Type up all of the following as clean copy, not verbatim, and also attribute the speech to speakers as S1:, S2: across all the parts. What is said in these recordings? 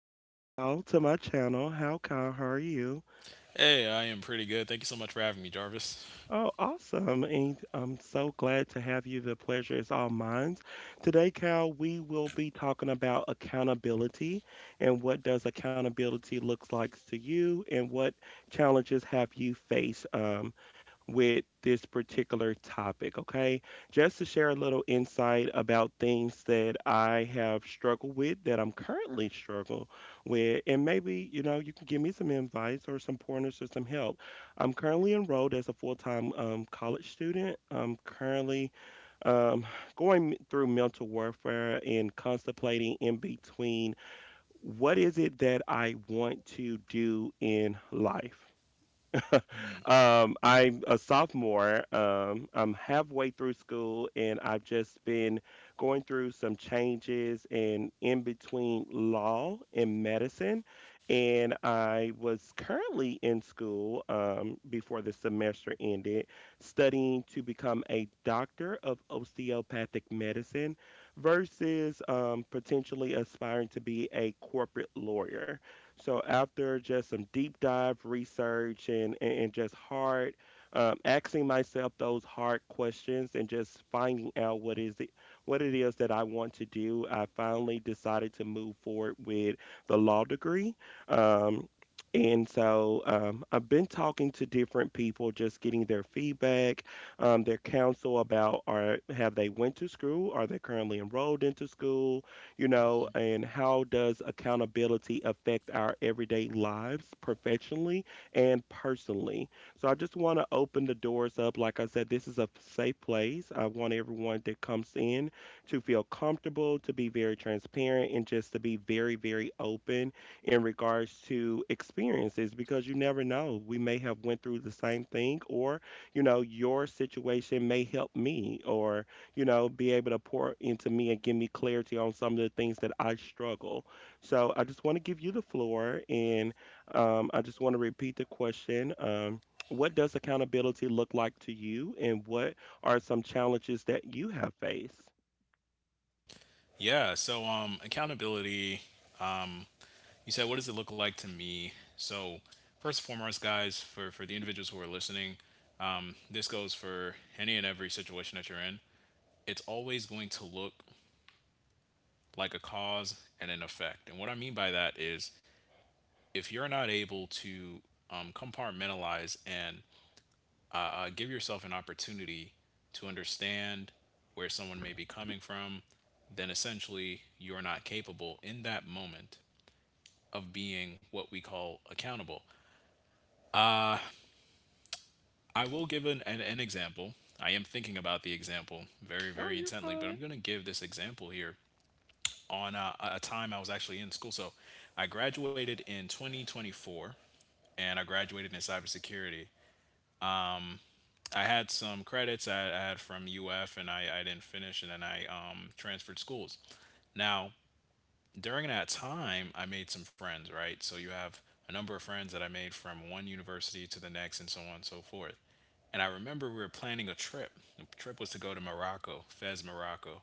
S1: Kyle, to my channel. How, Kyle? How are you?
S2: Hey, I am pretty good. Thank you so much for having me, Jarvis.
S1: Oh, awesome. And I'm so glad to have you. The pleasure is all mine. Today, Cal, we will be talking about accountability and what does accountability looks like to you and what challenges have you faced with this particular topic, okay? Just to share a little insight about things that I have struggled with that I'm currently struggling with and maybe, you know, you can give me some advice or some pointers or some help. I'm currently enrolled as a full-time college student. I'm currently um, going through mental warfare and contemplating in between what is it that I want to do in life. I'm a sophomore. I'm halfway through school, and I've just been going through some changes and in between law and medicine. And I was currently in school before the semester ended, studying to become a doctor of osteopathic medicine versus potentially aspiring to be a corporate lawyer. So after just some deep dive research and just hard asking myself those hard questions and just finding out what is it what it is that I want to do, I finally decided to move forward with the law degree. Um, and so I've been talking to different people, just getting their feedback, their counsel about are have they went to school, are they currently enrolled into school, you know, and how does accountability affect our everyday lives professionally and personally? So I just want to open the doors up. Like I said, this is a safe place. I want everyone that comes in to feel comfortable, to be very transparent, and just to be very, very open in regards to experiences because you never know. We may have went through the same thing or, you know, your situation may help me or you know, be able to pour into me and give me clarity on some of the things that I struggle. So I just want to give you the floor and I just want to repeat the question. What does accountability look like to you and what are some challenges that you have faced?
S2: Yeah, so accountability, um you said what does it look like to me? So first and foremost, guys, for the individuals who are listening, this goes for any and every situation that you're in. It's always going to look like a cause and an effect. And what I mean by that is if you're not able to compartmentalize and give yourself an opportunity to understand where someone may be coming from, then essentially you're not capable in that moment of being what we call accountable. I will give an example. I am thinking about the example very,
S1: Oh,
S2: very
S1: you're
S2: intently, but
S1: fine.
S2: I'm going to give this example here on a time I was actually in school. So I graduated in 2024 and I graduated in cybersecurity. I had some credits I had from UF and I didn't finish, and then I transferred schools. Now, during that time, I made some friends, right? So you have a number of friends that I made from one university to the next and so on and so forth. And I remember we were planning a trip. The trip was to go to Morocco, Fez, Morocco.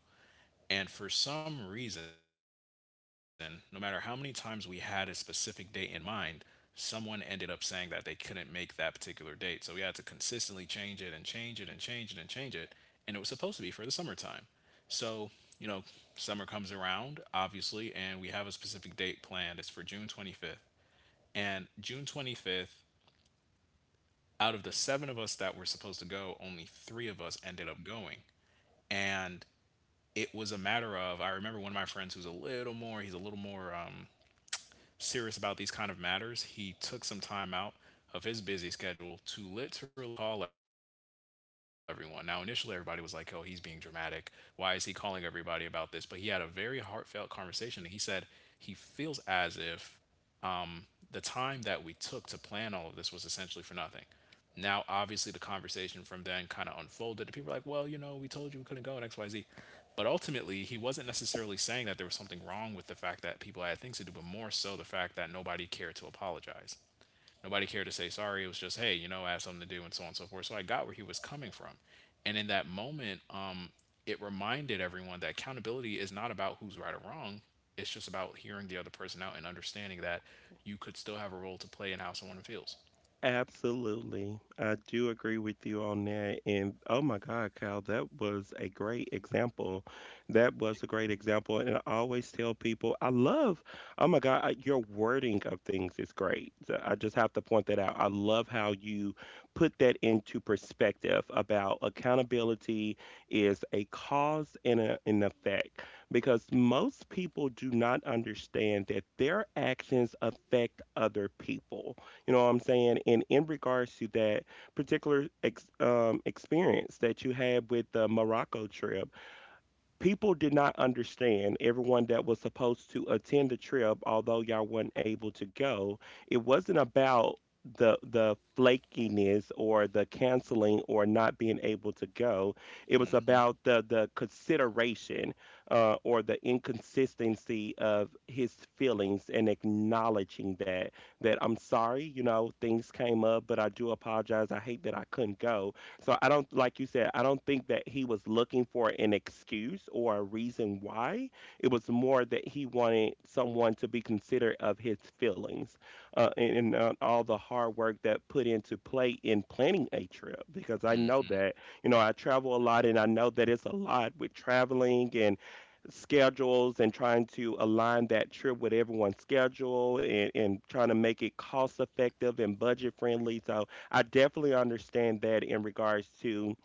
S2: And for some reason, no matter how many times we had a specific date in mind, someone ended up saying that they couldn't make that particular date. So we had to consistently change it and change it and change it and change it. And it was supposed to be for the summertime. So, you know, summer comes around, obviously, and we have a specific date planned. It's for June 25th. And June 25th, out of the seven of us that were supposed to go, only three of us ended up going. And it was a matter of, I remember one of my friends who's a little more serious about these kind of matters. He took some time out of his busy schedule to literally call everyone. Now initially everybody was like, "Oh, he's being dramatic. Why is he calling everybody about this?" But he had a very heartfelt conversation. And He said he feels as if the time that we took to plan all of this was essentially for nothing. Now, obviously, the conversation from then kind of unfolded. And people were like, well, you know, we told you we couldn't go in XYZ. But ultimately, he wasn't necessarily saying that there was something wrong with the fact that people had things to do, but more so the fact that nobody cared to apologize. Nobody cared to say sorry. It was just, hey, you know, I have something to do and so on and so forth. So I got where he was coming from. And in that moment, it reminded everyone that accountability is not about who's right or wrong. It's just about hearing the other person out and understanding that you could still have a role to play in how someone feels.
S1: Absolutely. I do agree with you on that. And oh my God, Kyle, that was a great example. That was a great example. And I always tell people, I love, oh my God, your wording of things is great. So I just have to point that out. I love how you put that into perspective about accountability is a cause and a, an effect, because most people do not understand that their actions affect other people, you know what I'm saying? And in regards to that particular experience that you had with the Morocco trip, people did not understand everyone that was supposed to attend the trip, although y'all weren't able to go, it wasn't about the flakiness or the canceling or not being able to go, it was about the consideration, or the inconsistency of his feelings and acknowledging that, that I'm sorry, you know, things came up, but I do apologize, I hate that I couldn't go. So I don't, like you said, I don't think that he was looking for an excuse or a reason why. It was more that he wanted someone to be considerate of his feelings, and all the hard work that put into play in planning a trip. Because I know that, you know, I travel a lot and I know that it's a lot with traveling and schedules and trying to align that trip with everyone's schedule, and trying to make it cost effective and budget friendly. So I definitely understand that in regards to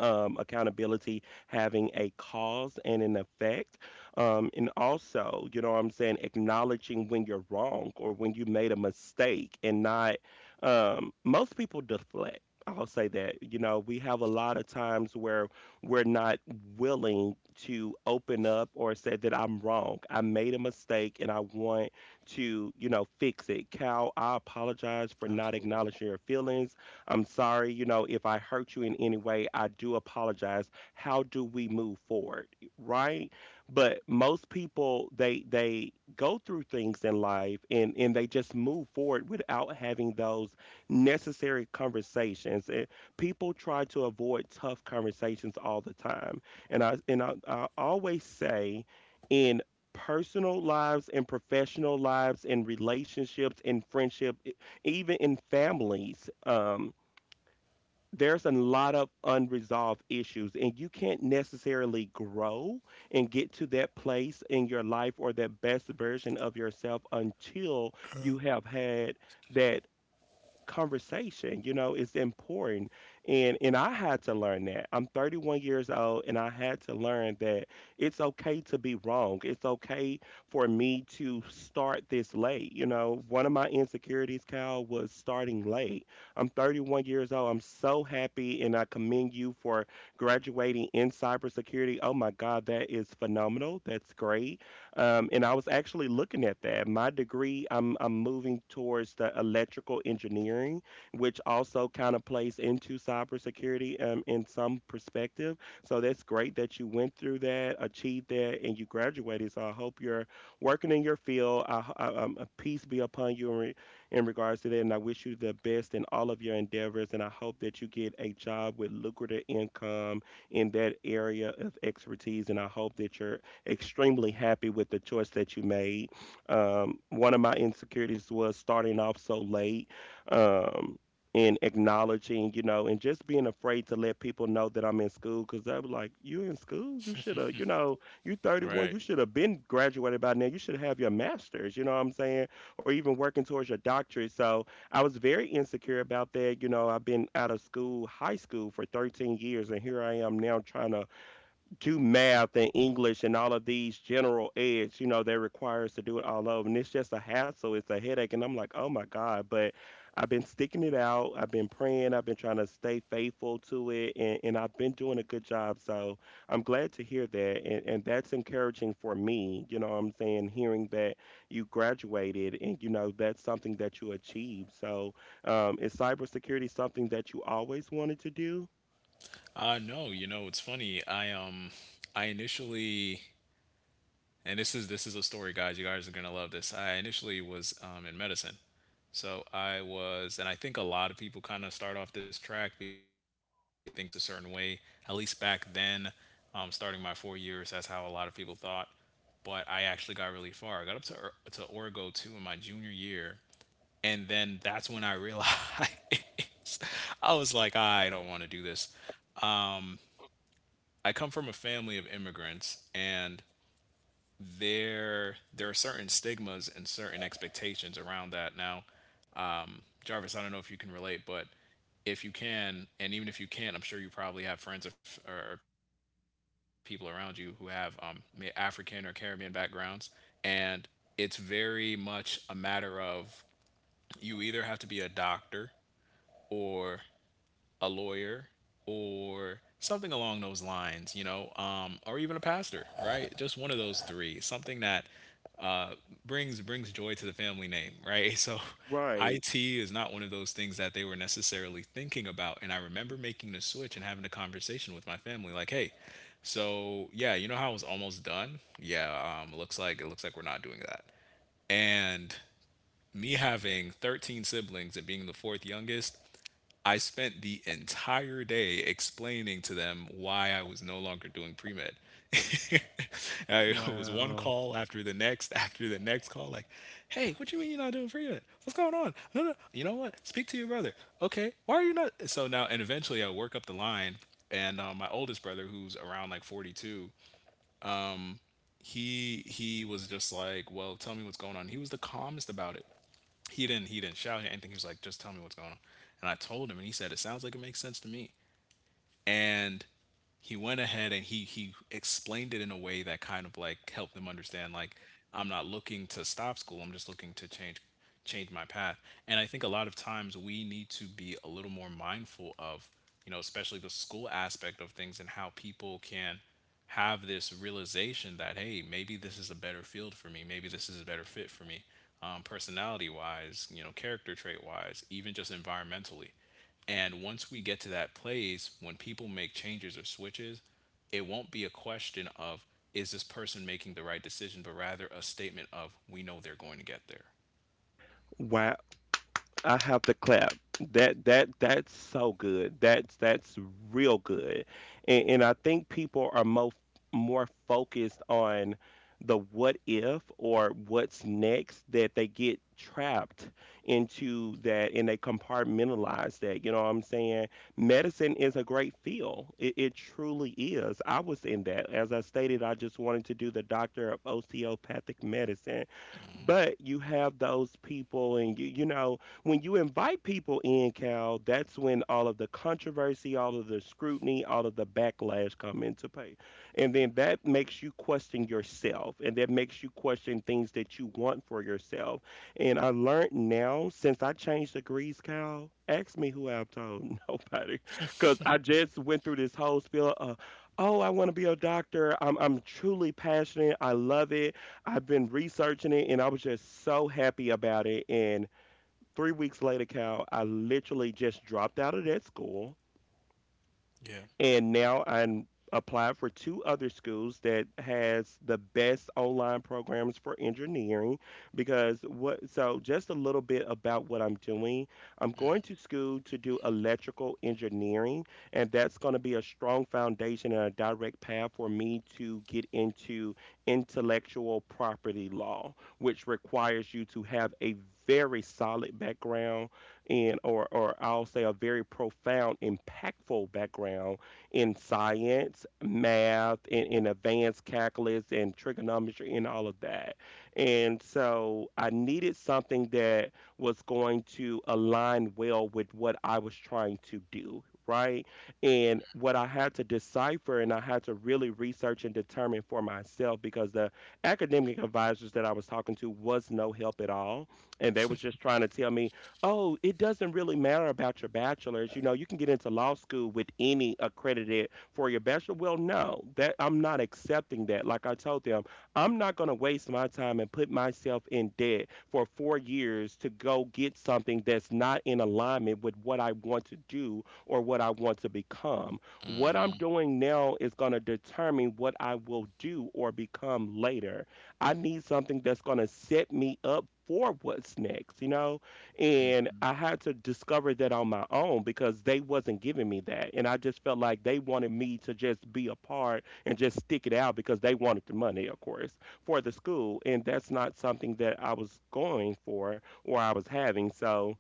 S1: accountability having a cause and an effect. And also, you know what I'm saying, acknowledging when you're wrong or when you made a mistake and not, most people deflect. I'll say that, you know, we have a lot of times where we're not willing to open up or say that I'm wrong. I made a mistake and I want to, you know, fix it. Cal, I apologize for not
S2: Absolutely.
S1: acknowledging your feelings. I'm sorry, you know, if I hurt you in any way, I do apologize. How do we move forward? Right? But most people, they go through things in life and they just move forward without having those necessary conversations. And people try to avoid tough conversations all the time. And I always say in personal lives and professional lives and relationships and friendship, even in families, there's a lot of unresolved issues and you can't necessarily grow and get to that place in your life or that best version of yourself until you have had that conversation, you know, it's important. And I had to learn that, I'm 31 years old, and I had to learn that it's okay to be wrong, it's okay for me to start this late. You know, one of my insecurities, Cal, was starting late. I'm 31 years old. I'm so happy and I commend you for graduating in cybersecurity. Oh my god, that is phenomenal, that's great. And I was actually looking at that. My degree, I'm moving towards the electrical engineering, which also kind of plays into cybersecurity in some perspective. So that's great that you went through that, achieved that, and you graduated. So I hope you're working in your field. I, a peace be upon you in regards to that, and I wish you the best in all of your endeavors. And I hope that you get a job with lucrative income in that area of expertise. And I hope that you're extremely happy with the choice that you made. One of my insecurities was starting off so late. Um, and acknowledging, you know, and just being afraid to let people know that I'm in school, because they were like, "You in school? You should have, you know, you 31, you
S2: Right.
S1: should have been graduated by now. You should have your master's, you know what I'm saying? Or even working towards your doctorate." So I was very insecure about that. You know, I've been out of school, high school for 13 years, and here I am now trying to do math and English and all of these general eds, you know, they require us to do it all over. And it's just a hassle, it's a headache. And I'm like, oh my God. But I've been sticking it out. I've been praying. I've been trying to stay faithful to it. And I've been doing a good job. So I'm glad to hear that. And that's encouraging for me. You know what I'm saying? Hearing that you graduated and, you know, that's something that you achieved. So is cybersecurity something that you always wanted to do?
S2: No, you know, it's funny. I initially, and this is a story, guys. You guys are gonna love this. I initially was in medicine, so I was, and I think a lot of people kind of start off this track because I think everyone thinks a certain way. At least back then, starting my 4 years, that's how a lot of people thought. But I actually got really far. I got up to Orgo two in my junior year, and then that's when I realized, I was like, I don't want to do this. I come from a family of immigrants, and there are certain stigmas and certain expectations around that. Now, Jarvis, I don't know if you can relate, but if you can, and even if you can't, I'm sure you probably have friends, or people around you who have African or Caribbean backgrounds, and it's very much a matter of you either have to be a doctor or a lawyer or something along those lines, you know, or even a pastor, right? Just one of those three, something that uh, brings joy to the family name, right? So,
S1: Right.
S2: IT is not one of those things that they were necessarily thinking about, and I remember making the switch and having a conversation with my family, like, hey. So yeah, you know how I was almost done? Yeah, looks like, it looks like we're not doing that. And me having 13 siblings and being the fourth youngest, I spent the entire day explaining to them why I was no longer doing pre med. I- it was one
S1: Wow.
S2: call after the next call. Like, hey, what you mean you're not doing pre med? What's going on? No, no, you know what? Speak to your brother. Okay, why are you not? So now, and eventually, I work up the line, and my oldest brother, who's around like 42, he was just like, well, tell me what's going on. He was the calmest about it. He didn't shout or anything. He was like, just tell me what's going on. And I told him, and he said, it sounds like it makes sense to me. And he went ahead and he explained it in a way that kind of like helped them understand, like, I'm not looking to stop school. I'm just looking to change my path. And I think a lot of times we need to be a little more mindful of, you know, especially the school aspect of things, and how people can have this realization that, hey, maybe this is a better field for me. Maybe this is a better fit for me. Personality wise, you know, character trait wise, even just environmentally. And once we get to that place, when people make changes or switches, it won't be a question of is this person making the right decision, but rather a statement of we know they're going to get there.
S1: Wow. I have to clap. That's so good. That's real good. And I think people are mo more focused on the what if or what's next that they get trapped into that and they compartmentalize that. You know what I'm saying? Medicine is a great field. It truly is. I was in that. As I stated, I just wanted to do the doctor of osteopathic medicine. But you have those people and you know when you invite people in, Cal, that's when all of the controversy, all of the scrutiny, all of the backlash come into play. And then that makes you question yourself and that makes you question things that you want for yourself. And I learned now since I changed degrees, Cal, ask me who I've told nobody. Because I just went through this whole spiel of, oh, I want to be a doctor. I'm truly passionate. I love it. I've been researching it and I was just so happy about it. And 3 weeks later, Cal, I literally just dropped out of that school
S2: Yeah.
S1: and now I'm applied for two other schools that has the best online programs for engineering, because what, so just a little bit about what I'm doing, I'm going to school to do electrical engineering, and that's going to be a strong foundation and a direct path for me to get into intellectual property law, which requires you to have a very solid background, and or I'll say a very profound impactful background in science, math, in advanced calculus and trigonometry and all of that. And so I needed something that was going to align well with what I was trying to do, right? And what I had to decipher and I had to really research and determine for myself, because the academic advisors that I was talking to was no help at all. And they was just trying to tell me, oh, it doesn't really matter about your bachelor's. You can get into law school with any accredited for your bachelor. Well, no, that I'm not accepting that. Like I told them, I'm not going to waste my time and put myself in debt for 4 years to go get something that's not in alignment with what I want to do or what I want to become. What I'm doing now is going to determine what I will do or become later. I need something that's going to set me up for what's next, you know? And
S2: Mm.
S1: I had to discover that on my own, because they wasn't giving me that, and I just felt like they wanted me to just be a part and just stick it out because they wanted the money, of course, for the school, and that's not something that I was going for or I was having. So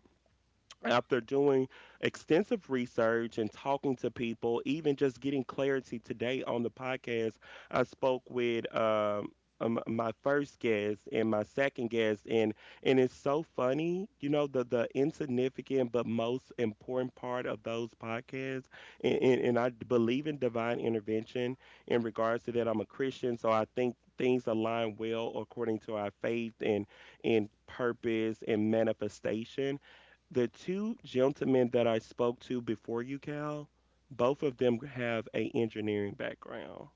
S1: after doing extensive research and talking to people, even just getting clarity today on the podcast, I spoke with my first guest and my second guest, and it's so funny, the insignificant but most important part of those podcasts, and, and I believe in divine intervention in regards to that. I'm a Christian, so I think things align well according to our faith and purpose and manifestation. The two gentlemen that I spoke to before you, Cal, both of them have a engineering background,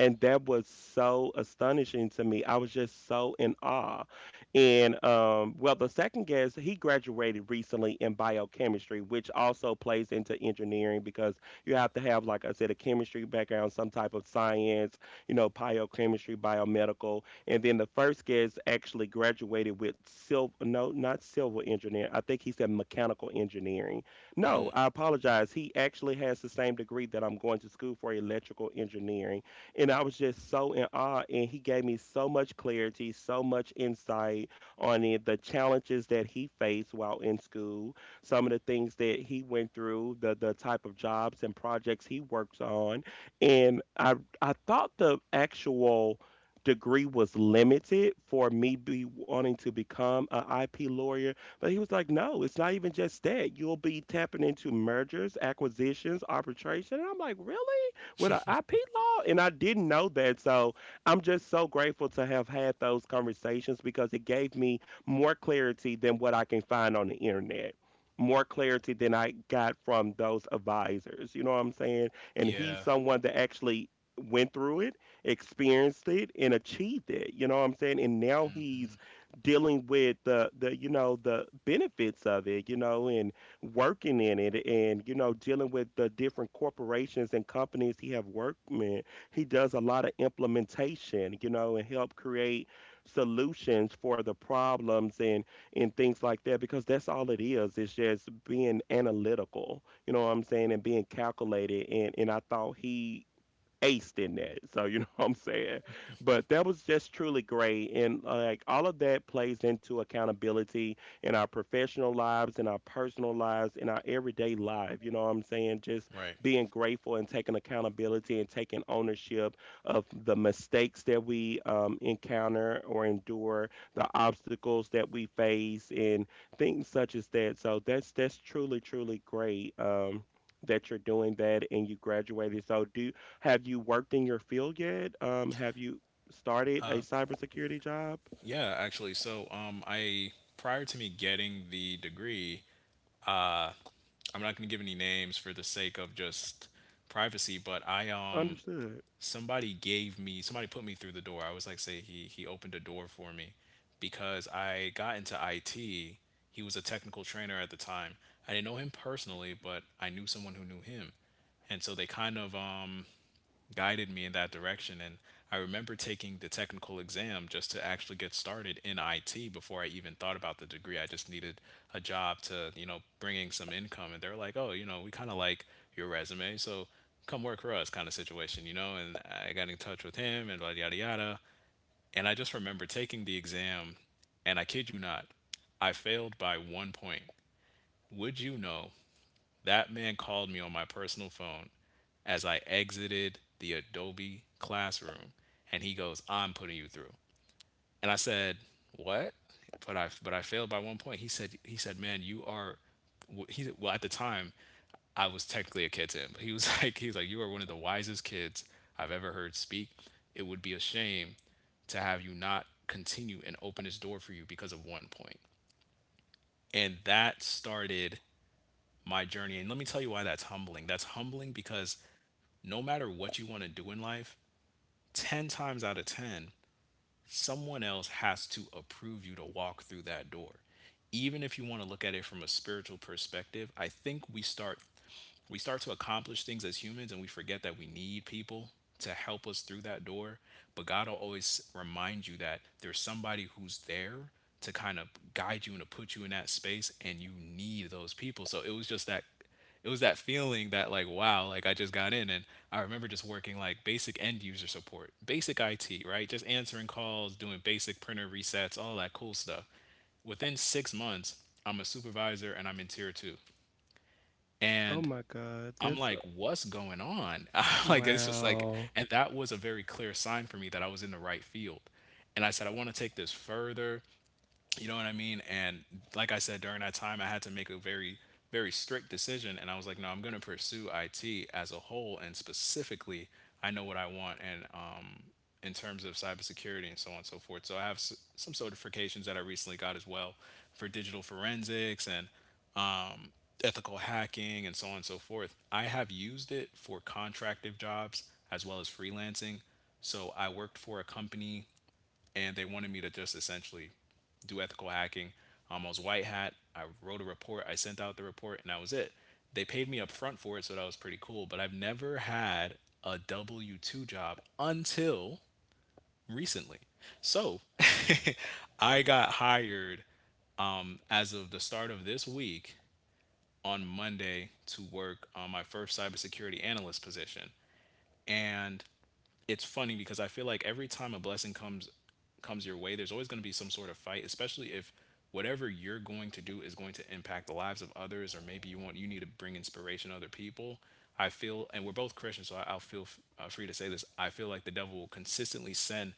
S1: and that was so astonishing to me. I was just so in awe. And well, the second guest, he graduated recently in biochemistry, which also plays into engineering because you have to have, like I said, a chemistry background, some type of science, you know, biochemistry, biomedical. And then the first guest actually graduated with silver, no, not civil engineering. I think he said mechanical engineering. No, I apologize. He actually has the same degree that I'm going to school for, electrical engineering. And I was just so in awe. And he gave me so much clarity, so much insight on it, the challenges that he faced while in school, some of the things that he went through, the type of jobs and projects he works on. And I thought the actual degree was limited for me be wanting to become a IP lawyer. But he was like, no, it's not even just that. You'll be tapping into mergers, acquisitions, arbitration. And I'm like, really? With an IP law, and I didn't know that. So I'm just so grateful to have had those conversations, because it gave me more clarity than what I can find on the internet. More clarity than I got from those advisors. You know what I'm saying? And he's
S2: Yeah.
S1: someone that actually went through it, experienced it, and achieved it. You know what I'm saying? And now he's dealing with the you know the benefits of it. You know, and working in it, and you know, dealing with the different corporations and companies he have worked with. He does a lot of implementation, you know, and help create solutions for the problems and things like that, because that's all it is. It's just being analytical, you know what I'm saying, and being calculated. And I thought he aced in that. So you know what I'm saying? But that was just truly great. And like, all of that plays into accountability in our professional lives, in our personal lives, in our everyday life. You know what I'm saying? Just
S2: Right.
S1: being grateful and taking accountability and taking ownership of the mistakes that we encounter or endure, the obstacles that we face and things such as that. So that's truly, truly great. Um, that you're doing that and you graduated. So do have you worked in your field yet? Have you started a cybersecurity job?
S2: Yeah, actually. So, I prior to me getting the degree, I'm not going to give any names for the sake of just privacy, but I
S1: Understood.
S2: somebody gave me, somebody put me through the door. I was like, say he opened a door for me because I got into IT. He was a technical trainer at the time. I didn't know him personally, but I knew someone who knew him. And so they kind of guided me in that direction. And I remember taking the technical exam just to actually get started in IT before I even thought about the degree. I just needed a job to, you know, bringing some income. And they're like, oh, you know, we kind of like your resume. So come work for us kind of situation, you know? And I got in touch with him and yada, yada, yada. And I just remember taking the exam. And I kid you not, I failed by 1 point. Would you know that man called me on my personal phone as I exited the Adobe classroom, and he goes, "I'm putting you through." And I said, "What? But I, but I failed by 1 point." He said, "Man, you are— he well at the time I was technically a kid to him, but he was like, he was like, you are one of the wisest kids I've ever heard speak. It would be a shame to have you not continue and open this door for you because of 1 point." And that started my journey. And let me tell you why that's humbling. That's humbling because no matter what you want to do in life, 10 times out of 10, someone else has to approve you to walk through that door. Even if you want to look at it from a spiritual perspective, I think we start to accomplish things as humans, and we forget that we need people to help us through that door. But God will always remind you that there's somebody who's there to kind of guide you and to put you in that space, and you need those people. So it was just that, it was that feeling that, like, wow, like, I just got in. And I remember just working like basic end user support, basic IT, right, just answering calls, doing basic printer resets, all that cool stuff. Within 6 months, I'm a supervisor and I'm in tier 2.
S1: Oh
S2: And
S1: my God,
S2: I'm
S1: that's
S2: like, what's going on? Like, it's just like,
S1: wow.
S2: and that was a very clear sign for me that I was in the right field. And I said, I want to take this further. You know what I mean? And like I said, during that time, I had to make a very strict decision. And I was like, no, I'm going to pursue IT as a whole. And specifically, I know what I want. In terms of cybersecurity and so on and so forth. So I have some certifications that I recently got as well for digital forensics and ethical hacking and so on and so forth. I have used it for contractive jobs as well as freelancing. So I worked for a company and they wanted me to just essentially do ethical hacking. I was white hat. I wrote a report. I sent out the report and that was it. They paid me up front for it, so that was pretty cool. But I've never had a W 2 job until recently. So I got hired as of the start of this week on Monday to work on my first cybersecurity analyst position. And it's funny because I feel like every time a blessing comes your way, there's always going to be some sort of fight, especially if whatever you're going to do is going to impact the lives of others, or maybe you need to bring inspiration to other people. I feel, and we're both Christians, so I'll free to say this. I feel like the devil will consistently send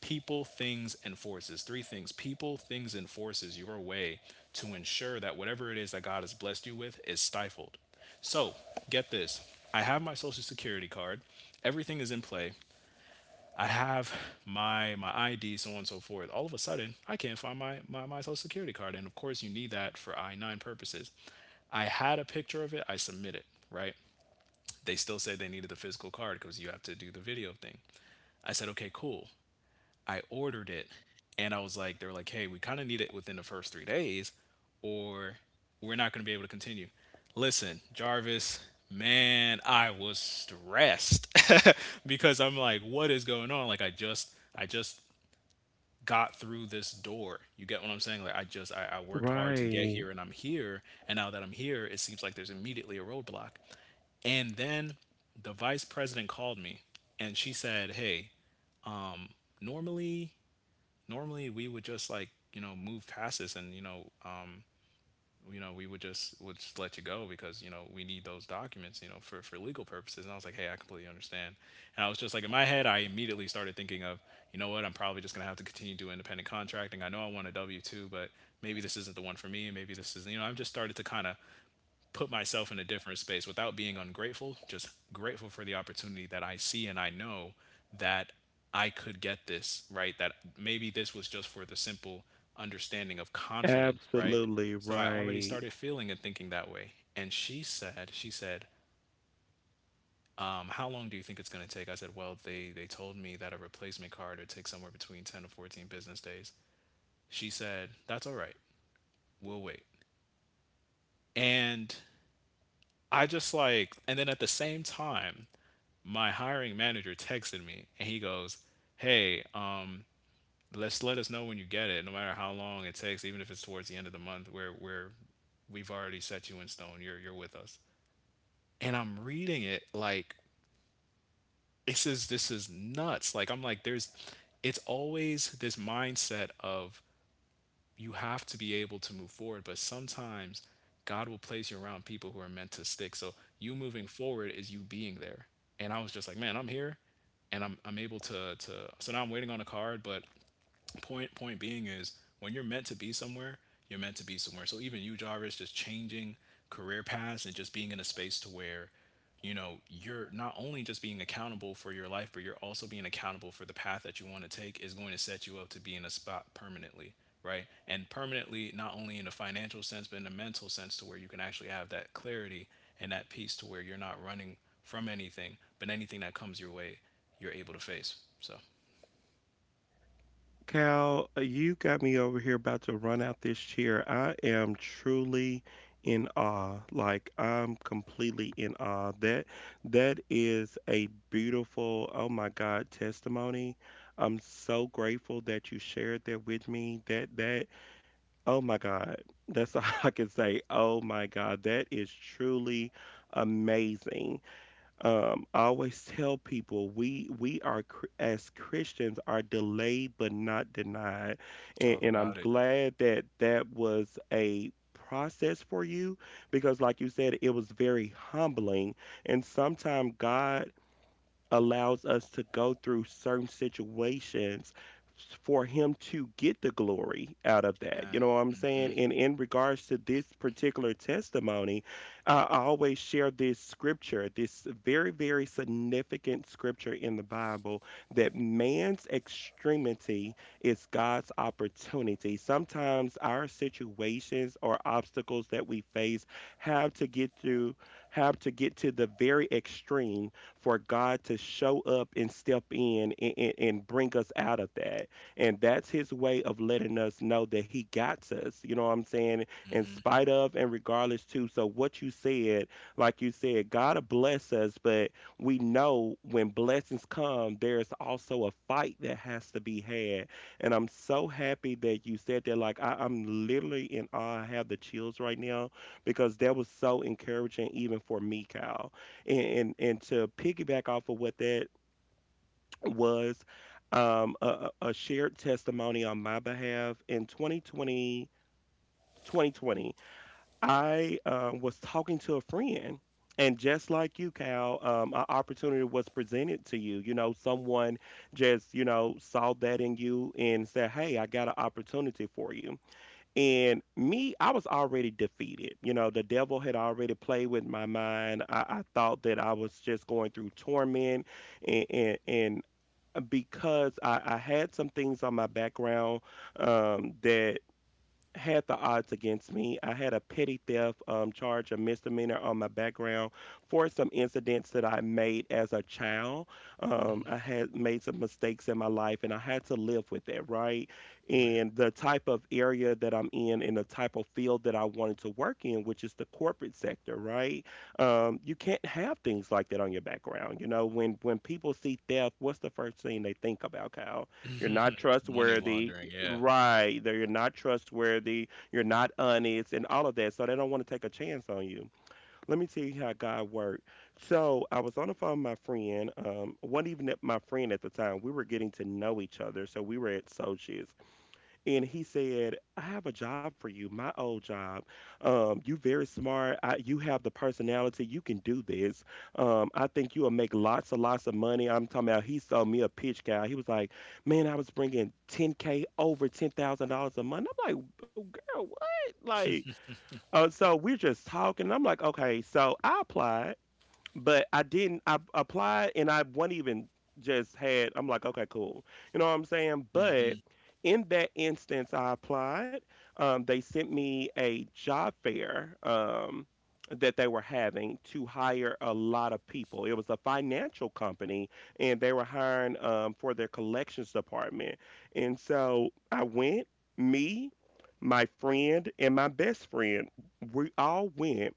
S2: people, things, and forces. Three things: people, things, and forces your way to ensure that whatever it is that God has blessed you with is stifled. So, get this. I have my social security card. Everything is in play. I have my ID, so on and so forth. All of a sudden, I can't find my social security card. And of course, you need that for I 9 purposes. I had a picture of it, I submit it, right? They still said they needed the physical card because you have to do the video thing. I said, okay, cool. I ordered it and I was like, they were like, hey, we kind of need it within the first 3 days or we're not going to be able to continue. Listen, Jarvis, man, I was stressed because I'm like, what is going on? Like, I just got through this door. You get what I'm saying? Like, I worked hard to get
S1: Right.
S2: here and I'm here. And now that I'm here, it seems like there's immediately a roadblock. And then the vice president called me and she said, hey, normally normally we would just like, you know, move past this, and you know we would just let you go because, you know, we need those documents, you know, for legal purposes. And I was like, hey, I completely understand. And I was just like, in my head, I immediately started thinking of, you know what, I'm probably just going to have to continue doing independent contracting. I know I want a W2, but maybe this isn't the one for me. Maybe this is, you know, I've just started to kind of put myself in a different space without being ungrateful, just grateful for the opportunity that I see. And I know that I could get this, right? That maybe this was just for the simple understanding of confidence, right?
S1: Absolutely
S2: So I already
S1: right.
S2: started feeling and thinking that way. And she said, how long do you think it's going to take? I said, well, they told me that a replacement card would take somewhere between 10 and 14 business days. She said, that's all right. We'll wait. And I just like, and then at the same time, my hiring manager texted me and he goes, "Hey, let's let us know when you get it, no matter how long it takes, even if it's towards the end of the month, where we've already set you in stone. You're with us." And I'm reading it like, this is nuts. Like I'm like, there's, it's always this mindset of you have to be able to move forward, but sometimes God will place you around people who are meant to stick. So you moving forward is you being there. And I was just like, man, I'm here. I'm able to. So now I'm waiting on a card, but point being is, when you're meant to be somewhere, you're meant to be somewhere. So even you, Jarvis, just changing career paths and just being in a space to where, you know, you're not only just being accountable for your life, but you're also being accountable for the path that you want to take is going to set you up to be in a spot permanently, right? And permanently, not only in a financial sense, but in a mental sense to where you can actually have that clarity and that peace to where you're not running from anything, but anything that comes your way, you're able to face. So
S1: Cal, you got me over here about to run out this chair. I am truly in awe. Like, I'm completely in awe. That that is a beautiful, oh my God, testimony. I'm so grateful that you shared that with me. That that oh my God. That's all I can say. Oh my God. That is truly amazing. I always tell people we are as Christians are delayed but not denied. And,
S2: talk
S1: and I'm
S2: about it.
S1: glad that that was a process for you, because like you said, it was very humbling. And sometimes God allows us to go through certain situations for him to get the glory out of that. You
S2: Man.
S1: know what I'm
S2: Mm.
S1: saying?
S2: Mhm.
S1: And in regards to this particular testimony, I always share this scripture, this very, very significant scripture in the Bible, that man's extremity is God's opportunity. Sometimes our situations or obstacles that we face have to get through, have to get to the very extreme for God to show up and step in and, and bring us out of that. And that's his way of letting us know that he got us, you know what I'm saying? In
S2: Mm.
S1: spite of and regardless too. So what you said, like you said, God will bless us, but we know when blessings come, there's also a fight that has to be had. And I'm so happy that you said that. Like I'm literally in awe. I have the chills right now because that was so encouraging even for me, Cal. And to piggyback off of what that was, a, a shared testimony on my behalf in 2020. 2020 I was talking to a friend, and just like you, Cal, an opportunity was presented to you. You know, someone just, you know, saw that in you and said, hey, I got an opportunity for you. And me, I was already defeated. You know, the devil had already played with my mind. I thought that I was just going through torment. And, and because I had some things on my background, that had the odds against me. I had a petty theft charge, a misdemeanor on my background, for some incidents that I made as a child. I had made some mistakes in my life and I had to live with that, right?
S2: Mhm. Right.
S1: And the type of area that I'm in and the type of field that I wanted to work in, which is the corporate sector, right? You can't have things like that on your background. You know, when people see theft, what's the first thing they think about, Kyle? You're not
S2: Money
S1: trustworthy.
S2: laundering. Yeah.
S1: Right. That you're not trustworthy, you're not honest, and all of that. So they don't want to take a chance on you. Let me tell you how God worked. So I was on the phone with my friend. Wasn't even at my friend at the time. We were getting to know each other. So we were at associates, and he said, "I have a job for you, my old job. You very smart. You have the personality. You can do this. I think you will make lots and lots of money." I'm talking about. He sold me a pitch, guy. He was like, "Man, I was bringing 10k, over $10,000 a month." I'm like, "Oh, girl, what?" Like, so we're just talking. I'm like, "Okay." So I applied, but I didn't. I applied and I wasn't even just had. I'm like, okay, cool. You know what I'm saying?
S2: Mm.
S1: But
S2: Mhm.
S1: in that instance, I applied. They sent me a job fair that they were having to hire a lot of people. It was a financial company, and they were hiring for their collections department. And so I went. Me, my friend, and my best friend, we all went.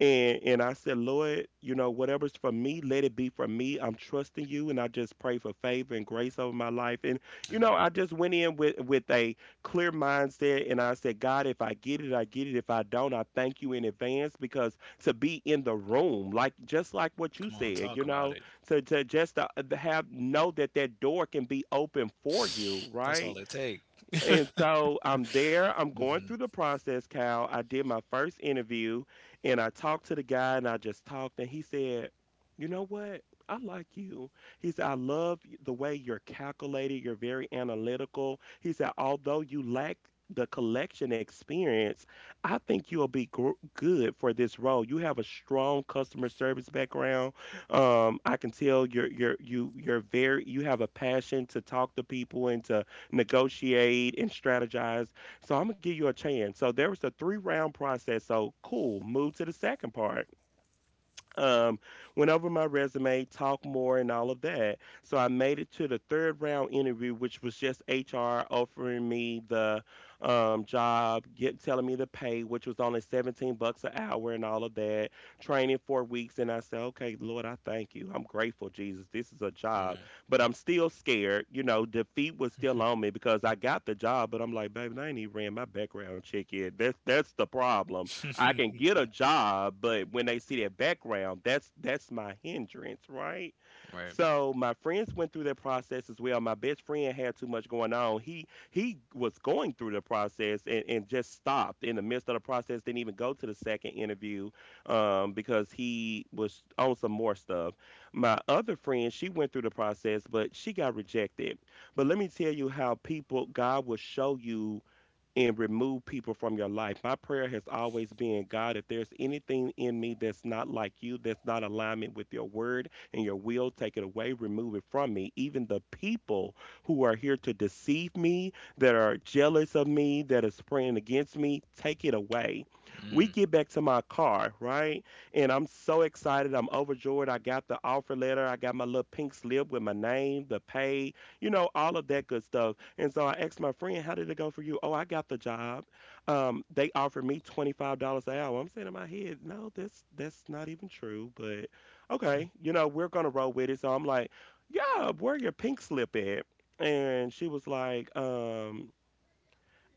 S1: And I said, Lord, you know, whatever's for me, let it be for me. I'm trusting you, and I just pray for favor and grace over my life. And
S2: I
S1: you know,
S2: know.
S1: I just went in with a clear mindset, and I said, God, if I get it, I get it. If I don't, I thank you in advance, because to be in the room, like just like what you
S2: Come on,
S1: said,
S2: talk
S1: you
S2: about
S1: know,
S2: it.
S1: to just to have know that that door can be open for you,
S2: That's
S1: right?
S2: all it take.
S1: And so I'm there, I'm going
S2: Mhm.
S1: through the process, Cal. I did my first interview and I talked to the guy and I just talked, and he said, you know what? I like you. He said, I love the way you're calculated, you're very analytical. He said, although you lack the collection experience, I think you'll be good for this role. You have a strong customer service background. I can tell you're very you have a passion to talk to people and to negotiate and strategize. So I'm gonna give you a chance. So there was a three round process. So cool, move to the second part, um, went over my resume, talked more, and all of that. So I made it to the third round interview, which was just HR offering me the job, telling me the pay, which was only 17 bucks an hour, and all of that. Training 4 weeks, and I said, "Okay, Lord, I thank you. I'm grateful, Jesus. This is a job,
S2: Right.
S1: but I'm still scared." You know, defeat was still on me because I got the job, but I'm like, baby, I ain't even ran my background check yet. That's the problem. I can get a job, but when they see that background, that's my hindrance, right?
S2: Right.
S1: So my friends went through that process as well. My best friend had too much going on. He was going through the process and, just stopped in the midst of the process, didn't even go to the second interview, because he was on some more stuff. My other friend, she went through the process, but she got rejected. But let me tell you how people God will show you and remove people from your life. My prayer has always been, God, if there's anything in me that's not like you, that's not alignment with your word and your will, take it away, remove it from me. Even the people who are here to deceive me, that are jealous of me, that is praying against me, take it away. We
S2: Mm.
S1: get back to my car, right? And I'm so excited. I'm overjoyed. I got the offer letter. I got my little pink slip with my name, the pay, you know, all of that good stuff. And so I asked my friend, "How did it go for you?" "Oh, I got the job. They offered me $25 an hour." I'm saying in my head, "No, that's not even true." But okay, you know, we're gonna roll with it. So I'm like, "Yeah, where your pink slip at?" And she was like,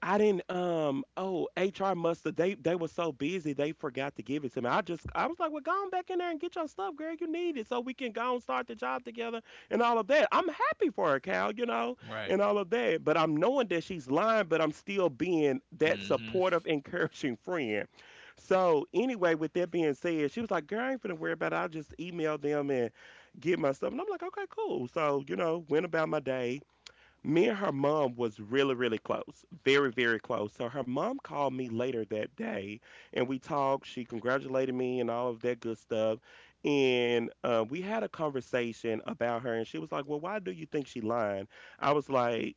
S1: I didn't oh, HR must have, they were so busy they forgot to give it to me. I was like, well, go on back in there and get your stuff, girl, you need it so we can go and start the job together and all of that. I'm happy for her, Cal, you know,
S2: Right.
S1: and all of that. But I'm knowing that she's lying, but I'm still being that
S2: Mhm.
S1: supportive, encouraging friend. So anyway, with that being said, she was like, girl, I ain't finna worry about it. I'll just email them and get my stuff. And I'm like, okay, cool. So, you know, went about my day. Me and her mom was really close, very close. So her mom called me later that day and we talked. She congratulated me and all of that good stuff. And we had a conversation about her and she was like, well, why do you think she lying? I was like,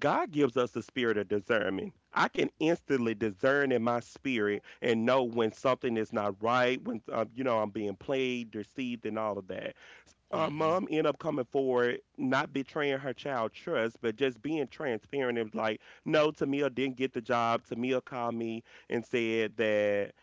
S1: God gives us the spirit of discernment. I can instantly discern in my spirit and know when something is not right, when, you know, I'm being played, deceived, and all of that.
S2: Mhm.
S1: Mom end up coming forward, not betraying her child trust, but just being transparent. It was like, no, Tamia didn't get the job. Tamia called me and said that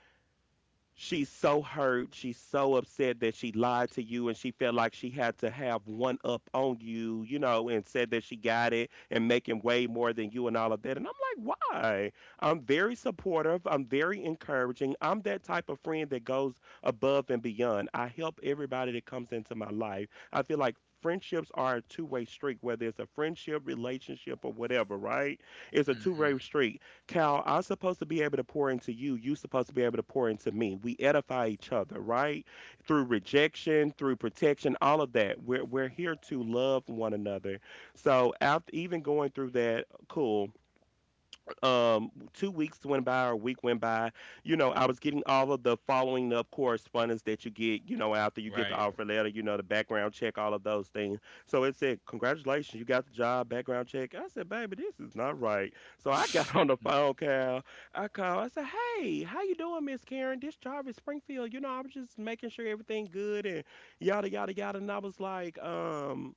S1: she's so hurt. She's so upset that she lied to you and she felt like she had to have one up on you, you know, and said that she got it and making way more than you and all of that. And I'm like, why? I'm very supportive. I'm very encouraging. I'm that type of friend that goes above and beyond. I help everybody that comes into my life. I feel like friendships are a two-way street, whether it's a friendship, relationship, or whatever, right? It's a two-way street. Cal, I'm supposed to be able to pour into you. You are supposed to be able to pour into me. We edify each other, right? Through rejection, through protection, all of that. We're here to love one another. So after even going through that, cool, 2 weeks went by, or a week went by. You know, I was getting all of the following up correspondence that you get, you know, after you get the
S2: Right.
S1: offer letter, you know, the background check, all of those things. So it said, congratulations, you got the job, background check. I said, baby, this is not right. So I got on the phone, Cal. I called. I said, hey, how you doing, Miss Karen? This Jarvis Springfield. You know, I was just making sure everything good and yada yada yada. And I was like, um,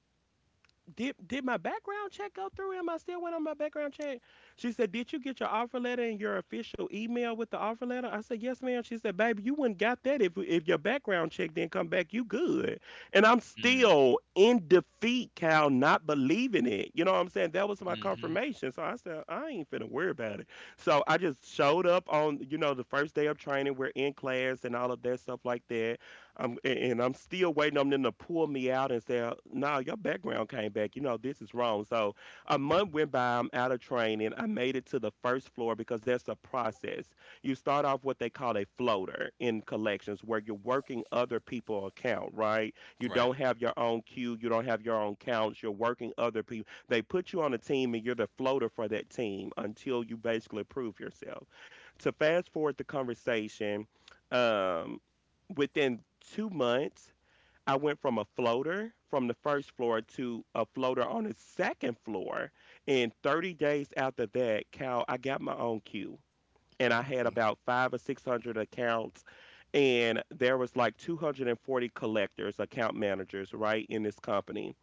S1: did did my background check go through? Am I still waiting on my background check? She said, did you get your offer letter and your official email with the offer letter? I said, yes, ma'am. She said, baby, you wouldn't got that if your background check didn't come back, you good. And I'm
S2: Mm.
S1: still in defeat, Cal, not believing it. You know what I'm saying? That was my
S2: Mm. Mhm.
S1: confirmation. So I said, I ain't finna worry about it. So I just showed up on, you know, the first day of training. We're in class and all of that stuff like that. I'm And I'm still waiting on them to pull me out and say, "No, your background came back. You know, this is wrong." So a month went by. I'm out of training. I made it to the first floor because that's a process. You start off what they call a floater in collections, where you're working other people's account. Right? You
S2: Right.
S1: don't have your own queue. You don't have your own counts. You're working other people. They put you on a team, and you're the floater for that team until you basically prove yourself. To fast forward the conversation, Um, within 2 months, I went from a floater from the first floor to a floater on the second floor. And 30 days after that, Cal, I got my own queue. And I had
S2: Mm.
S1: about five or 600 accounts. And there was like 240 collectors, account managers, right, in this company.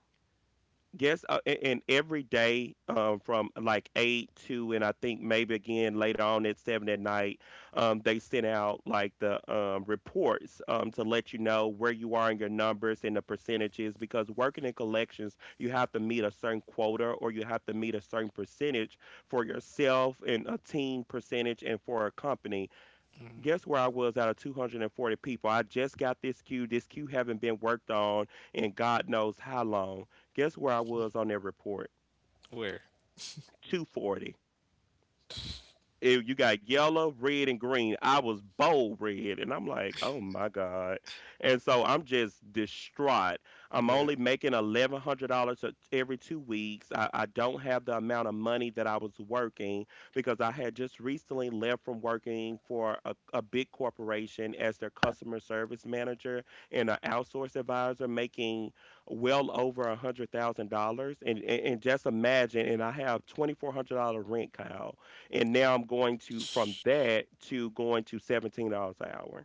S1: Yes, and every day, from like eight to, and I think maybe again later on at seven at night, they send out like the reports to let you know where you are in your numbers and the percentages. Because working in collections, you have to meet a certain quota or you have to meet a certain percentage for yourself and a team percentage and for a company. Guess where I was out of 240 people? I just got this queue. This queue haven't been worked on in God knows how long. Guess where I was on their report?
S2: Where?
S1: 240. You got yellow, red, and green. I was bold red, and I'm like, oh my God. And so I'm just distraught. I'm only making $1,100 every 2 weeks. I don't have the amount of money that I was working because I had just recently left from working for a big corporation as their customer service manager and an outsource advisor, making well over $100,000. And, and just imagine, and I have $2,400 rent, Kyle. And now I'm going to from that to going to $17 an hour.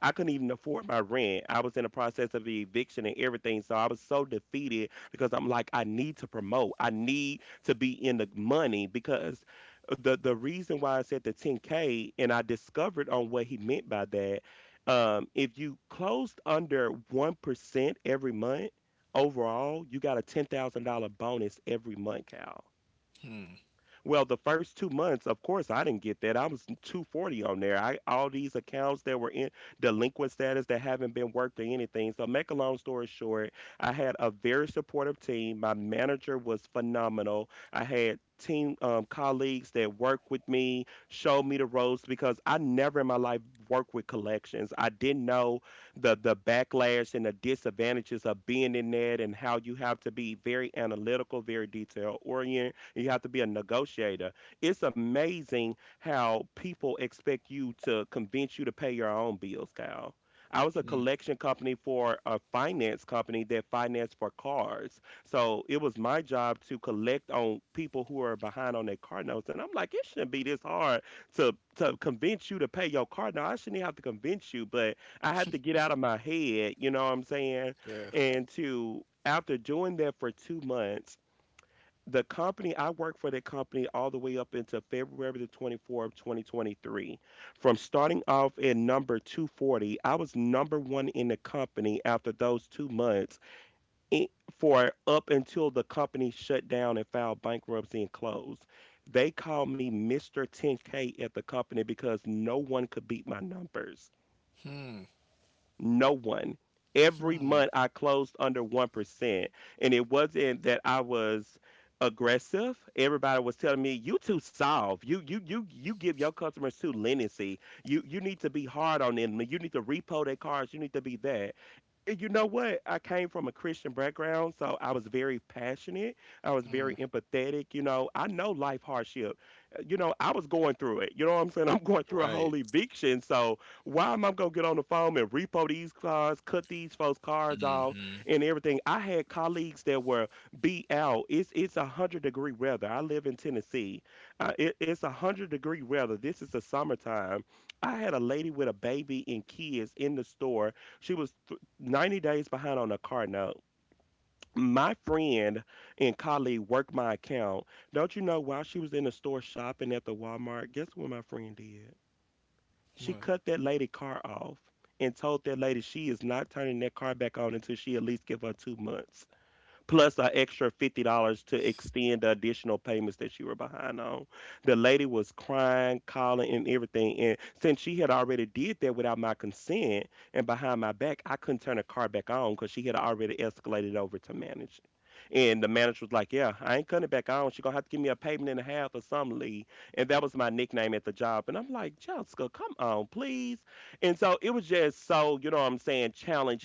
S1: I couldn't even afford my rent. I was in the process of eviction and everything. So I was so defeated because I'm like, I need to promote. I need to be in the money because the reason why I said the 10K, and I discovered on what he meant by that, if you closed under 1% every month overall, you got a $10,000 bonus every month, Cal.
S2: Hmm.
S1: Well, the first 2 months, of course, I didn't get that. I was 240 on there. I all these accounts that were in delinquent status that haven't been worked or anything. So, make a long story short, I had a very supportive team. My manager was phenomenal. I had team colleagues that worked with me, showed me the ropes because I never in my life worked with collections. I didn't know the backlash and the disadvantages of being in that and how you have to be very analytical, very detail oriented. You have to be a negotiator. It's amazing how people expect you to convince you to pay your own bills, Kyle. I was a
S2: Hmm.
S1: collection company for a finance company that financed for cars. So it was my job to collect on people who are behind on their car notes. And I'm like, it shouldn't be this hard to convince you to pay your car note. I shouldn't have to convince you, but I had to get out of my head, you know what I'm saying?
S2: Yeah.
S1: And to after doing that for 2 months, the company I worked for that company all the way up into February the 24th, 2023. From starting off at number 240, I was number one in the company after those 2 months i- for up until the company shut down and filed bankruptcy and closed. They called me Mr. 10K at the company because no one could beat my numbers. No one. Every
S2: Hmm.
S1: month I closed under 1%. And it wasn't that I was aggressive. Everybody was telling me, you too soft. You give your customers too leniency. You need to be hard on them. You need to repo their cars. You need to be that. And you know what? I came from a Christian background, so I was very passionate. I was very
S2: Mm.
S1: empathetic. You know, I know life hardship. You know, I was going through it. You know what I'm saying? I'm going through a whole
S2: Right.
S1: eviction. So why am I gonna get on the phone and repo these cars, cut these folks' cars
S2: Mm.
S1: off,
S2: Mhm.
S1: and everything? I had colleagues that were BL. It's a hundred-degree weather. I live in Tennessee. It's a hundred-degree weather. This is the summertime. I had a lady with a baby and kids in the store. She was 90 days behind on a car note. My friend and colleague worked my account. Don't you know while she was in the store shopping at the Walmart, guess what my friend did? She
S2: What?
S1: cut that lady car off and told that lady she is not turning that car back on until she at least give her 2 months plus an extra $50 to extend the additional payments that you were behind on. The lady was crying, calling, and everything. And since she had already did that without my consent and behind my back, I couldn't turn the car back on because she had already escalated over to manage. And the manager was like, yeah, I ain't cutting it back on. She gonna have to give me a payment and a half or something, Lee. And that was my nickname at the job. And I'm like, Jessica, come on, please. And so it was just so, you know what I'm saying,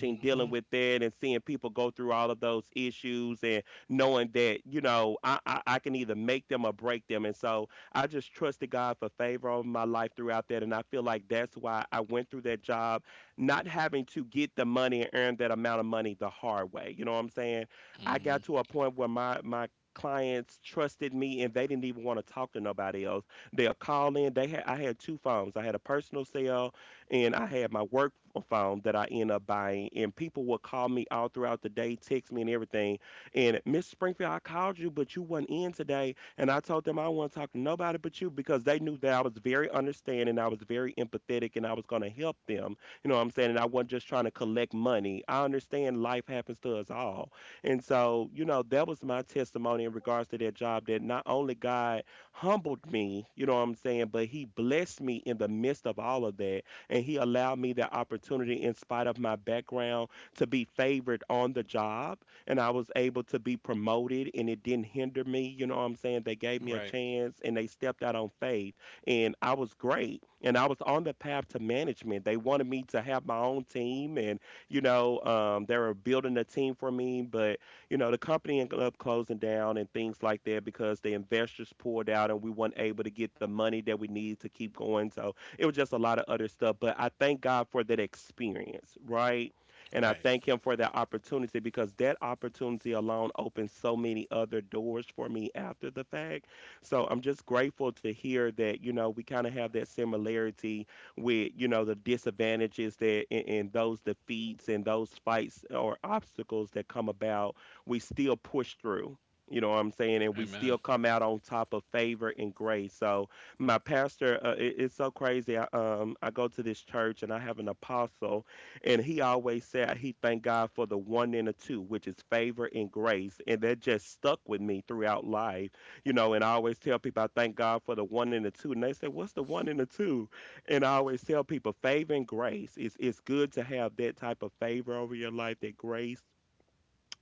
S2: Mm.
S1: dealing
S2: Mhm.
S1: with that and seeing people go through all of those issues and knowing that, you know, I can either make them or break them. And so I just trusted God for favor over my life throughout that. And I feel like that's why I went through that job, not having to get the money and earn that amount of money the hard way. You know what I'm saying?
S2: Mm.
S1: I got
S2: Mhm.
S1: to a point where clients trusted me and they didn't even want to talk to nobody else. They'll call in. They had, I had two phones. I had a personal cell and I had my work phone that I end up buying, and people would call me all throughout the day, text me and everything. And Miss Springfield, I called you, but you wasn't in today, and I told them I want to talk to nobody but you because they knew that I was very understanding, I was very empathetic, and I was going to help them. You know what I'm saying? And I wasn't just trying to collect money. I understand life happens to us all, and so you know that was my testimony in regards to that job. That not only God humbled me, you know what I'm saying, but He blessed me in the midst of all of that and He allowed me the opportunity in spite of my background to be favored on the job and I was able to be promoted and it didn't hinder me, you know what I'm saying? They gave me a
S2: Right.
S1: chance and they stepped out on faith and I was great and I was on the path to management. They wanted me to have my own team and you know, they were building a team for me, but you know, the company ended up closing down and things like that because the investors poured out and we weren't able to get the money that we needed to keep going. So it was just a lot of other stuff. But I thank God for that experience, right? And I
S2: Right.
S1: thank Him for that opportunity because that opportunity alone opened so many other doors for me after the fact. So I'm just grateful to hear that, you know, we kind of have that similarity with, you know, the disadvantages that and those defeats and those fights or obstacles that come about, we still push through. You know what I'm saying? And we still
S2: Amen.
S1: come out on top of favor and grace. So, my pastor it's so crazy. I go to this church and I have an apostle and he always said he thank God for the one and the two, which is favor and grace, and that just stuck with me throughout life. You know, and I always tell people I thank God for the one and the two and they say, what's the one and the two?" And I always tell people favor and grace. It's good to have that type of favor over your life, that grace,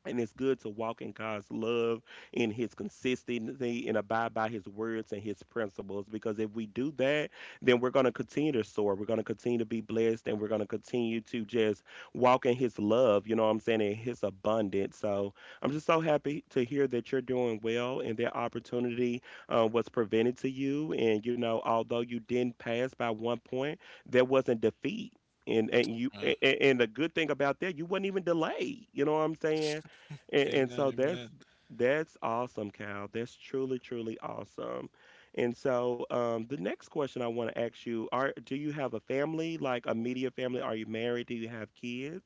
S1: and it's good to walk in God's love, in His consistency, and abide by His words and His principles. Because if we do that, then we're going to continue to soar. We're going to continue to be blessed, and we're going to continue to just walk in His love. You know what I'm saying? In His abundance. So I'm just so happy to hear that you're doing well, and that opportunity was prevented to you. And you know, although you didn't pass by 1 point, there wasn't defeat. And you
S2: Uh,
S1: a- and the good thing about that, you wasn't even delayed, you know what I'm saying? And
S2: amen.
S1: so that's
S2: Amen.
S1: that's awesome, Cal. That's truly, truly awesome. And so the next question I want to ask you are, do you have a family, like a media family? Are you married? Do you have kids?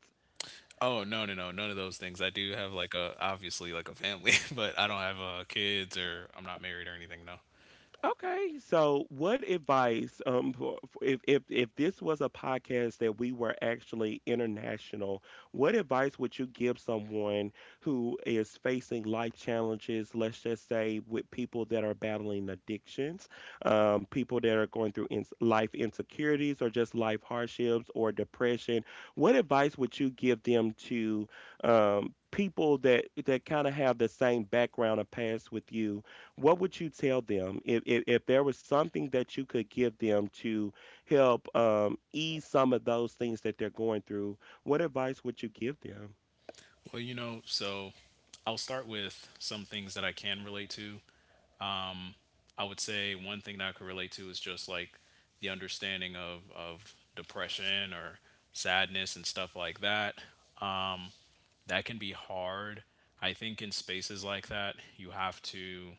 S2: Oh, no, no, no, none of those things. I do have like a obviously like a family, but I don't have kids or I'm not married or anything. No.
S1: Okay, so what advice, if if this was a podcast that we were actually international, what advice would you give someone who is facing life challenges? Let's just say with people that are battling addictions, people that are going through ins life insecurities or just life hardships or depression. What advice would you give them to people that that kind of have the same background or past with you? What would you tell them if, there was something that you could give them to help ease some of those things that they're going through? What advice would you give them?
S2: Well, you know, so I'll start with some things that I can relate to. I would say one thing that I could relate to is just like the understanding of depression or sadness and stuff like that. Um, that can be hard. I think in spaces like that,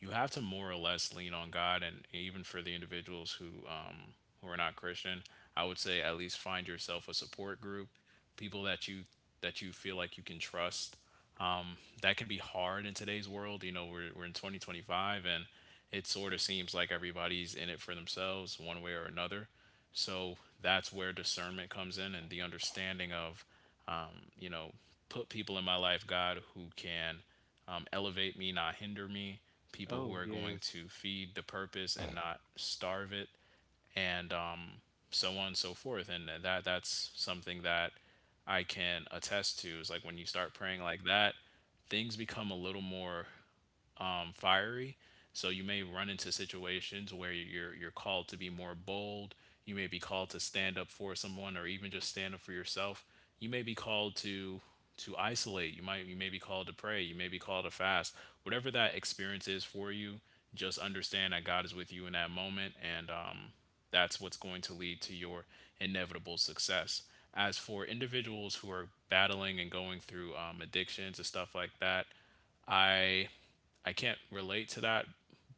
S2: you have to more or less lean on God. And even for the individuals who are not Christian, I would say at least find yourself a support group, people that you feel like you can trust. Um, that can be hard in today's world. You know, we're in 2025, and it sort of seems like everybody's in it for themselves, one way or another. So that's where discernment comes in, and the understanding of, you know, put people in my life, God, who can, elevate me, not hinder me, people who
S1: Oh,
S2: are going
S1: yes.
S2: to feed the purpose and not starve it, and so on and so forth. And that's something that I can attest to. Is like when you start praying like that, things become a little more fiery. So you may run into situations where you're called to be more bold. You may be called to stand up for someone, or even just stand up for yourself. You may be called to isolate. You may be called to pray. You may be called to fast. Whatever that experience is for you, just understand that God is with you in that moment, and that's what's going to lead to your inevitable success. As for individuals who are battling and going through addictions and stuff like that, I I can't relate to that,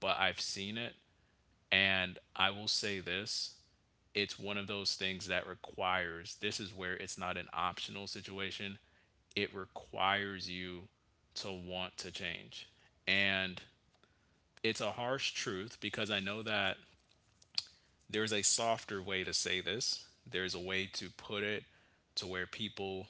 S2: but I've seen it. And I will say this, it's one of those things that requires, this is where it's not an optional situation, it requires you to want to change. And it's a harsh truth because I know that there's a softer way to say this, there's a way to put it to where people,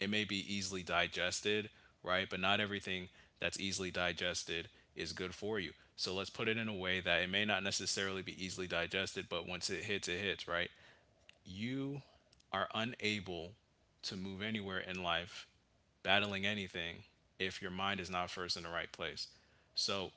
S2: it may be easily digested, right? But not everything that's easily digested is good for you. So let's put it in a way that it may not necessarily be easily digested, but once it hits, right? You are unable to move anywhere in life, battling anything, if your mind is not first in the right place. So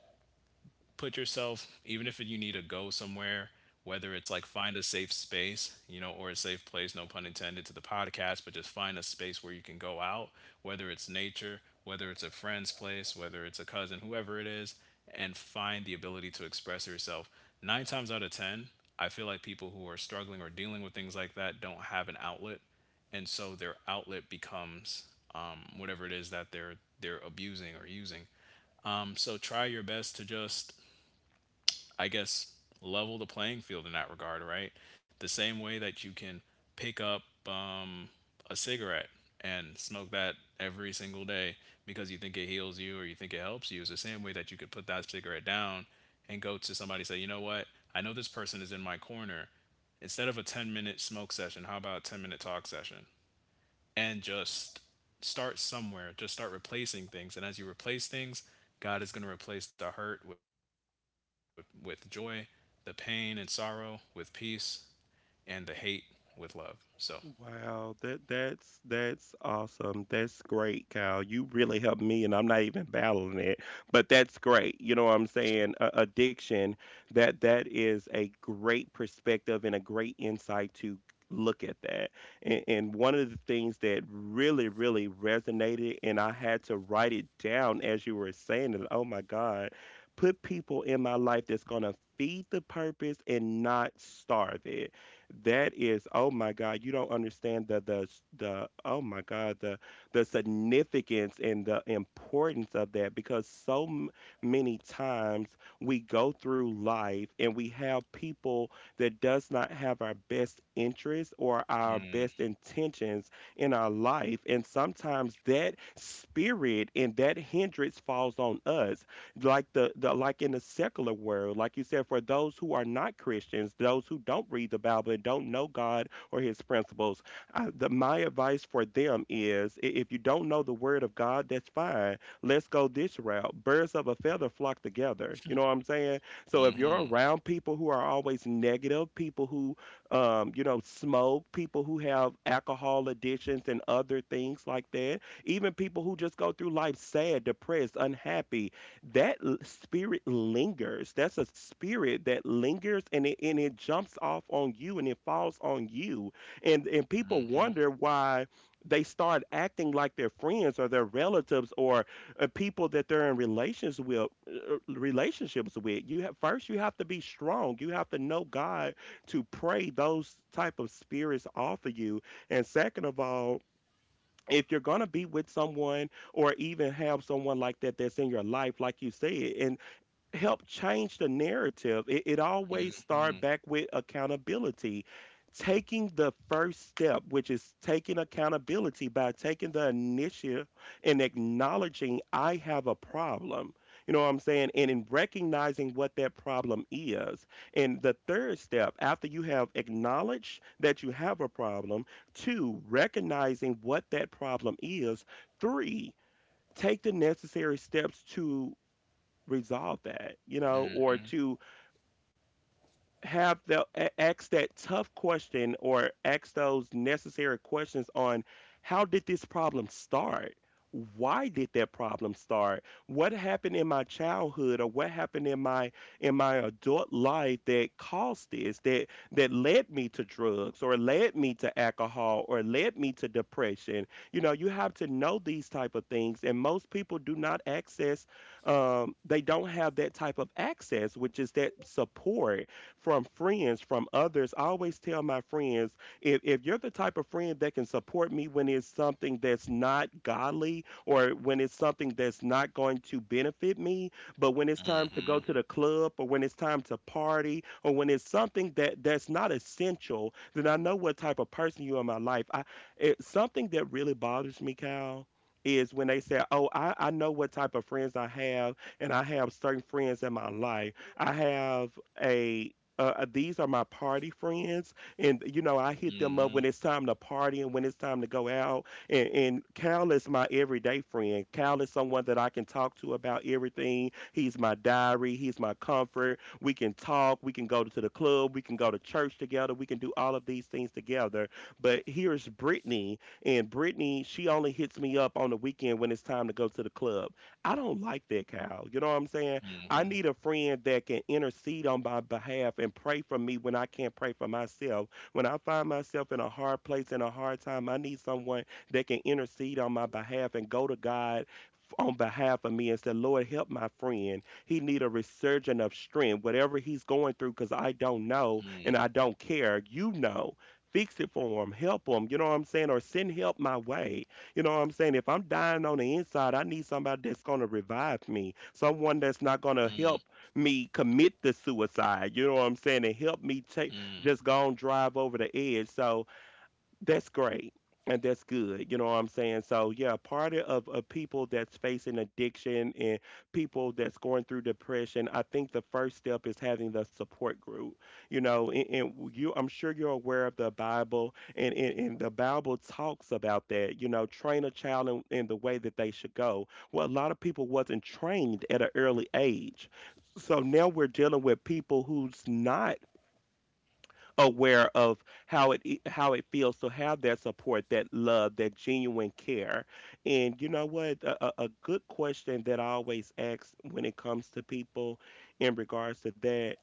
S2: put yourself, even if you need to go somewhere, whether it's like find a safe space, you know, or a safe place, no pun intended to the podcast, but just find a space where you can go out, whether it's nature, whether it's a friend's place, whether it's a cousin, whoever it is, and find the ability to express yourself. Nine times out of ten, I feel like people who are struggling or dealing with things like that don't have an outlet. And so their outlet becomes, whatever it is that they're abusing or using. So try your best to just, I guess, level the playing field in that regard, right? The same way that you can pick up a cigarette and smoke that every single day because you think it heals you or you think it helps you, it's the same way that you could put that cigarette down and go to somebody and say, you know what? I know this person is in my corner. Instead of a 10-minute smoke session, how about a 10-minute talk session? And just start somewhere. Just start replacing things. And as you replace things, God is going to replace the hurt with joy, the pain and sorrow with peace, and the hate with love. So,
S1: Wow, that's awesome. That's great, Kyle. You really helped me, and I'm not even battling it. But that's great. You know what I'm saying? Addiction. That is a great perspective and a great insight to look at that. And one of the things that really really resonated, and I had to write it down as you were saying it. Oh my God, put people in my life that's gonna feed the purpose and not starve it. That is, oh my God, you don't understand the the, oh my God, the significance and the importance of that. Because so many times we go through life and we have people that does not have our best interests or our best intentions in our life, and sometimes that spirit and that hindrance falls on us. Like the like in the secular world, like you said, for those who are not Christians, those who don't read the Bible and don't know God or His principles, my advice for them is if you don't know the word of God, that's fine. Let's go this route. Birds of a feather flock together, you know what I'm saying? So if you're
S2: mm-hmm,
S1: around people who are always negative, people who you know, smoke, people who have alcohol addictions and other things like that, even people who just go through life sad, depressed, unhappy, that spirit lingers. That's a spirit that lingers and it jumps off on you and it falls on you. And people
S2: mm-hmm,
S1: wonder why they start acting like their friends or their relatives or people that they're in relations with relationships with. You have first you have to be strong. You have to know God to pray those type of spirits off of you. And second of all, if you're going to be with someone or even have someone like that that's in your life, like you said, and help change the narrative. It always start
S2: mm-hmm,
S1: back with accountability. Taking the first step, which is taking accountability by taking the initiative and acknowledging I have a problem. You know what I'm saying? And in recognizing what that problem is. And the third step, after you have acknowledged that you have a problem, two, recognizing what that problem is, three, take the necessary steps to resolve that, you know, or to ask that tough question or ask those necessary questions on how did this problem start, why did that problem start, what happened in my childhood or what happened in my adult life that caused this that led me to drugs or led me to alcohol or led me to depression. You know, you have to know these type of things, and most people do not access they don't have that type of access, which is that support from friends, from others. I always tell my friends if you're the type of friend that can support me when it's something that's not godly or when it's something that's not going to benefit me, but when it's time to go
S2: mm-hmm,
S1: to the club or when it's time to party or when it's something that that's not essential, then I know what type of person you are in my life. Something that really bothers me, Cal. Is when they say, oh, I know what type of friends I have, and I have certain friends in my life. I have a These are my party friends, and you know I hit them up
S2: mm-hmm.
S1: when it's time to party and when it's time to go out. And Cal is my everyday friend. Cal is someone that I can talk to about everything. He's my diary. He's my comfort. We can talk. We can go to the club. We can go to church together. We can do all of these things together. But here's Brittany, and Brittany, she only hits me up on the weekend when it's time to go to the club. I don't like that, Cal. You know what I'm saying?
S2: Mm-hmm.
S1: I need a friend that can intercede on my behalf and pray for me when I can't pray for myself. When I find myself in a hard place and a hard time, I need someone that can intercede on my behalf and go to God on behalf of me and say, Lord, help my friend. He need a resurgent of strength, whatever he's going through, because I don't know and I don't care. You know. Fix it for him, help him, you know what I'm saying? Or send help my way, you know what I'm saying? If I'm dying on the inside, I need somebody that's going to revive me, someone that's not going to help me commit the suicide. You know what I'm saying? And help me take just go and drive over the edge. So, that's great. And that's good. You know what I'm saying? So yeah, part of people that's facing addiction and people that's going through depression, I think the first step is having the support group. You know, and you I'm sure you're aware of the Bible and the Bible talks about that, you know, train a child in the way that they should go. Well, a lot of people wasn't trained at an early age. So now we're dealing with people who's not aware of how it feels to have that support, that love, that genuine care. And you know what? A good question that I always ask when it comes to people in regards to that,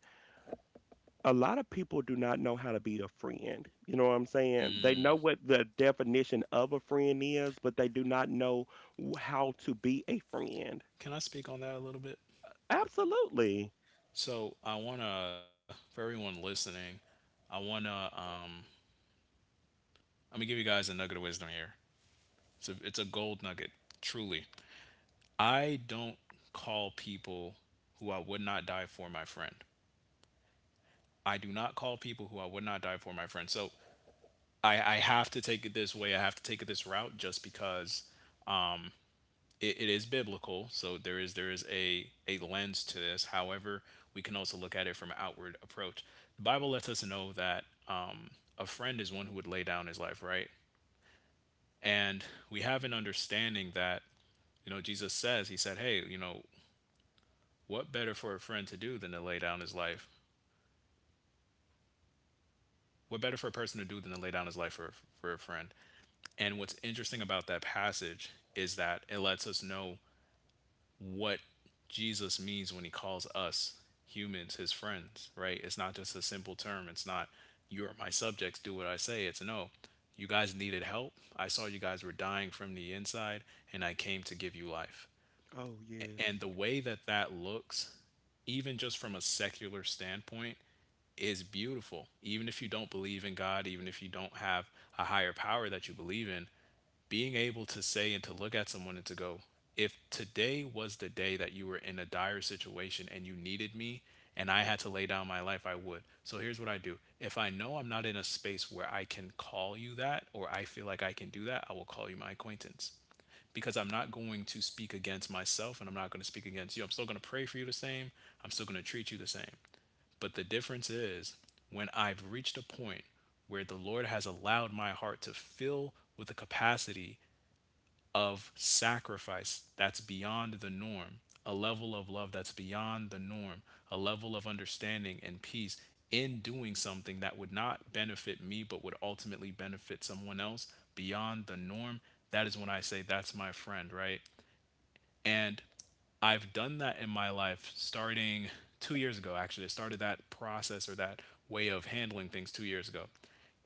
S1: a lot of people do not know how to be a friend. You know what I'm saying? They know what the definition of a friend is, but they do not know how to be a friend.
S2: Can I speak on that a little bit?
S1: Absolutely.
S2: So, I want to, for everyone listening, I want to, uh, I'm going to give you guys a nugget of wisdom here. It's a gold nugget, truly. I don't call people who I would not die for my friend. I do not call people who I would not die for my friend. So I have to take it this way. I have to take it this route just because it is biblical. So there is a lens to this. However, we can also look at it from an outward approach. The Bible lets us know that a friend is one who would lay down his life, right? And we have an understanding that, you know, Jesus says, He said, Hey, you know, what better for a friend to do than to lay down his life, what better for a person to do than to lay down his life for a friend? And what's interesting about that passage is that it lets us know what Jesus means when he calls us humans his friends, right? It's not just a simple term. It's not, you're my subjects, do what I say. It's no, you guys needed help. I saw you guys were dying from the inside, and I came to give you life.
S1: Oh yes.
S2: And the way that that looks, even just from a secular standpoint, is beautiful. Even if you don't believe in God, even if you don't have a higher power that you believe in, being able to say and to look at someone and to go, if today was the day that you were in a dire situation and you needed me and I had to lay down my life, I would. So here's what I do. If I know I'm not in a space where I can call you that or I feel like I can do that, I will call you my acquaintance because I'm not going to speak against myself and I'm not going to speak against you. I'm still going to pray for you the same. I'm still going to treat you the same. But the difference is, when I've reached a point where the Lord has allowed my heart to fill with the capacity of sacrifice that's beyond the norm, a level of love that's beyond the norm, a level of understanding and peace in doing something that would not benefit me but would ultimately benefit someone else beyond the norm, that is when I say that's my friend, right? And I've done that in my life starting 2 years ago, actually. I started that process or that way of handling things 2 years ago.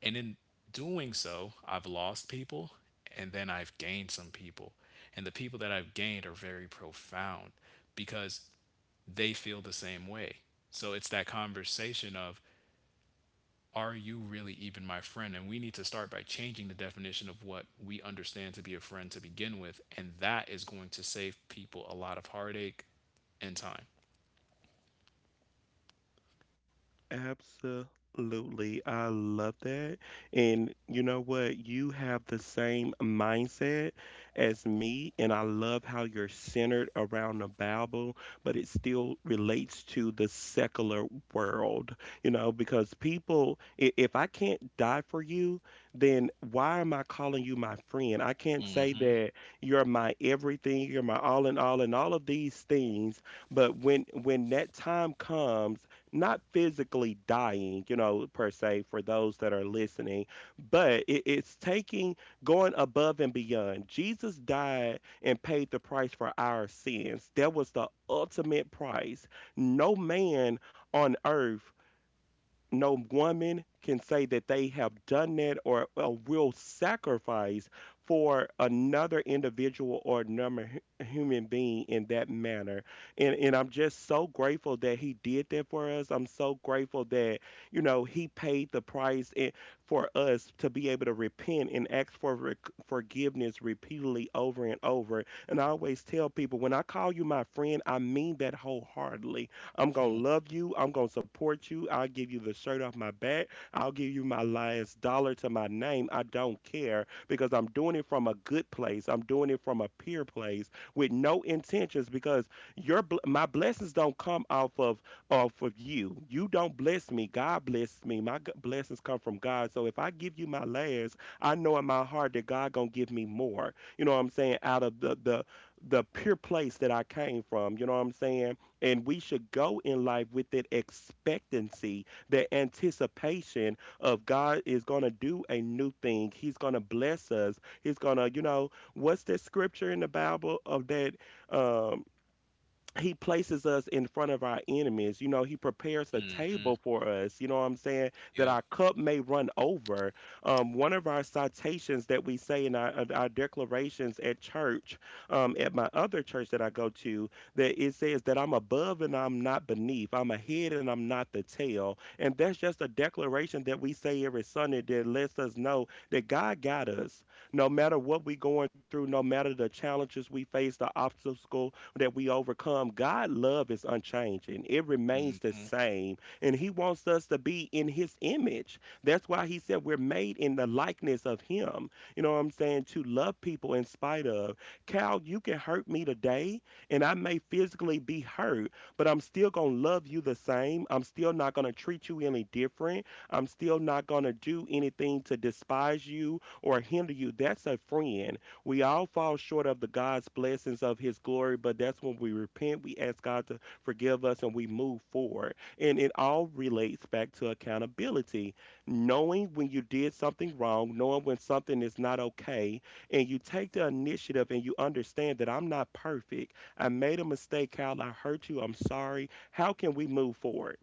S2: And in doing so, I've lost people and then I've gained some people. And the people that I've gained are very profound because they feel the same way. So it's that conversation of, are you really even my friend? And we need to start by changing the definition of what we understand to be a friend to begin with. And that is going to save people a lot of heartache and time.
S1: Absolutely. I love that. And you know what? You have the same mindset as me, and I love how you're centered around the Bible, but it still relates to the secular world, you know, because if I can't die for you, then why am I calling you my friend? I can't say
S2: Mm-hmm.
S1: that you're my everything, you're my all in all, and all of these things. But when that time comes, not physically dying, you know, per se, for those that are listening, but it's taking going above and beyond. Jesus died and paid the price for our sins. That was the ultimate price. No man on earth, no woman can say that they have done that or a will sacrifice for another individual or another human being in that manner. And I'm just so grateful that he did that for us. I'm so grateful that, you know, he paid the price and for us to be able to repent and ask for forgiveness repeatedly over and over. And I always tell people when I call you my friend, I mean that wholeheartedly. I'm going to love you. I'm going to support you. I'll give you the shirt off my back. I'll give you my last dollar to my name. I don't care because I'm doing it from a good place. I'm doing it from a pure place with no intentions because my blessings don't come off of you. You don't bless me. God bless me. My blessings come from God. So if I give you my last, I know in my heart that God going to give me more. You know what I'm saying? Out of the pure place that I came from. You know what I'm saying? And we should go in life with that expectancy, that anticipation of God is going to do a new thing. He's going to bless us. He's going to, you know, what's that scripture in the Bible of that? Um, he places us in front of our enemies. You know, he prepares a table for us, you know what I'm saying, that
S2: Yep.
S1: our cup may run over. One of our citations that we say in our, of our declarations at church, at my other church that I go to, that it says that I'm above and I'm not beneath, I'm a head and I'm not the tail. And that's just a declaration that we say every Sunday that lets us know that God got us. No matter what we're going through, no matter the challenges we face, the obstacle that we overcome, God love is unchanging. It remains the
S2: Mm-hmm.
S1: same. And he wants us to be in his image. That's why he said we're made in the likeness of him. You know what I'm saying? To love people in spite of. Cal, you can hurt me today and I may physically be hurt, but I'm still going to love you the same. I'm still not going to treat you any different. I'm still not going to do anything to despise you or hinder you. That's a friend. We all fall short of the God's blessings of His glory, but that's when we repent, we ask God to forgive us, and we move forward. And it all relates back to accountability, knowing when you did something wrong, knowing when something is not okay, and you take the initiative and you understand that I'm not perfect. I made a mistake, Kyle. I hurt you. I'm sorry. How can we move forward?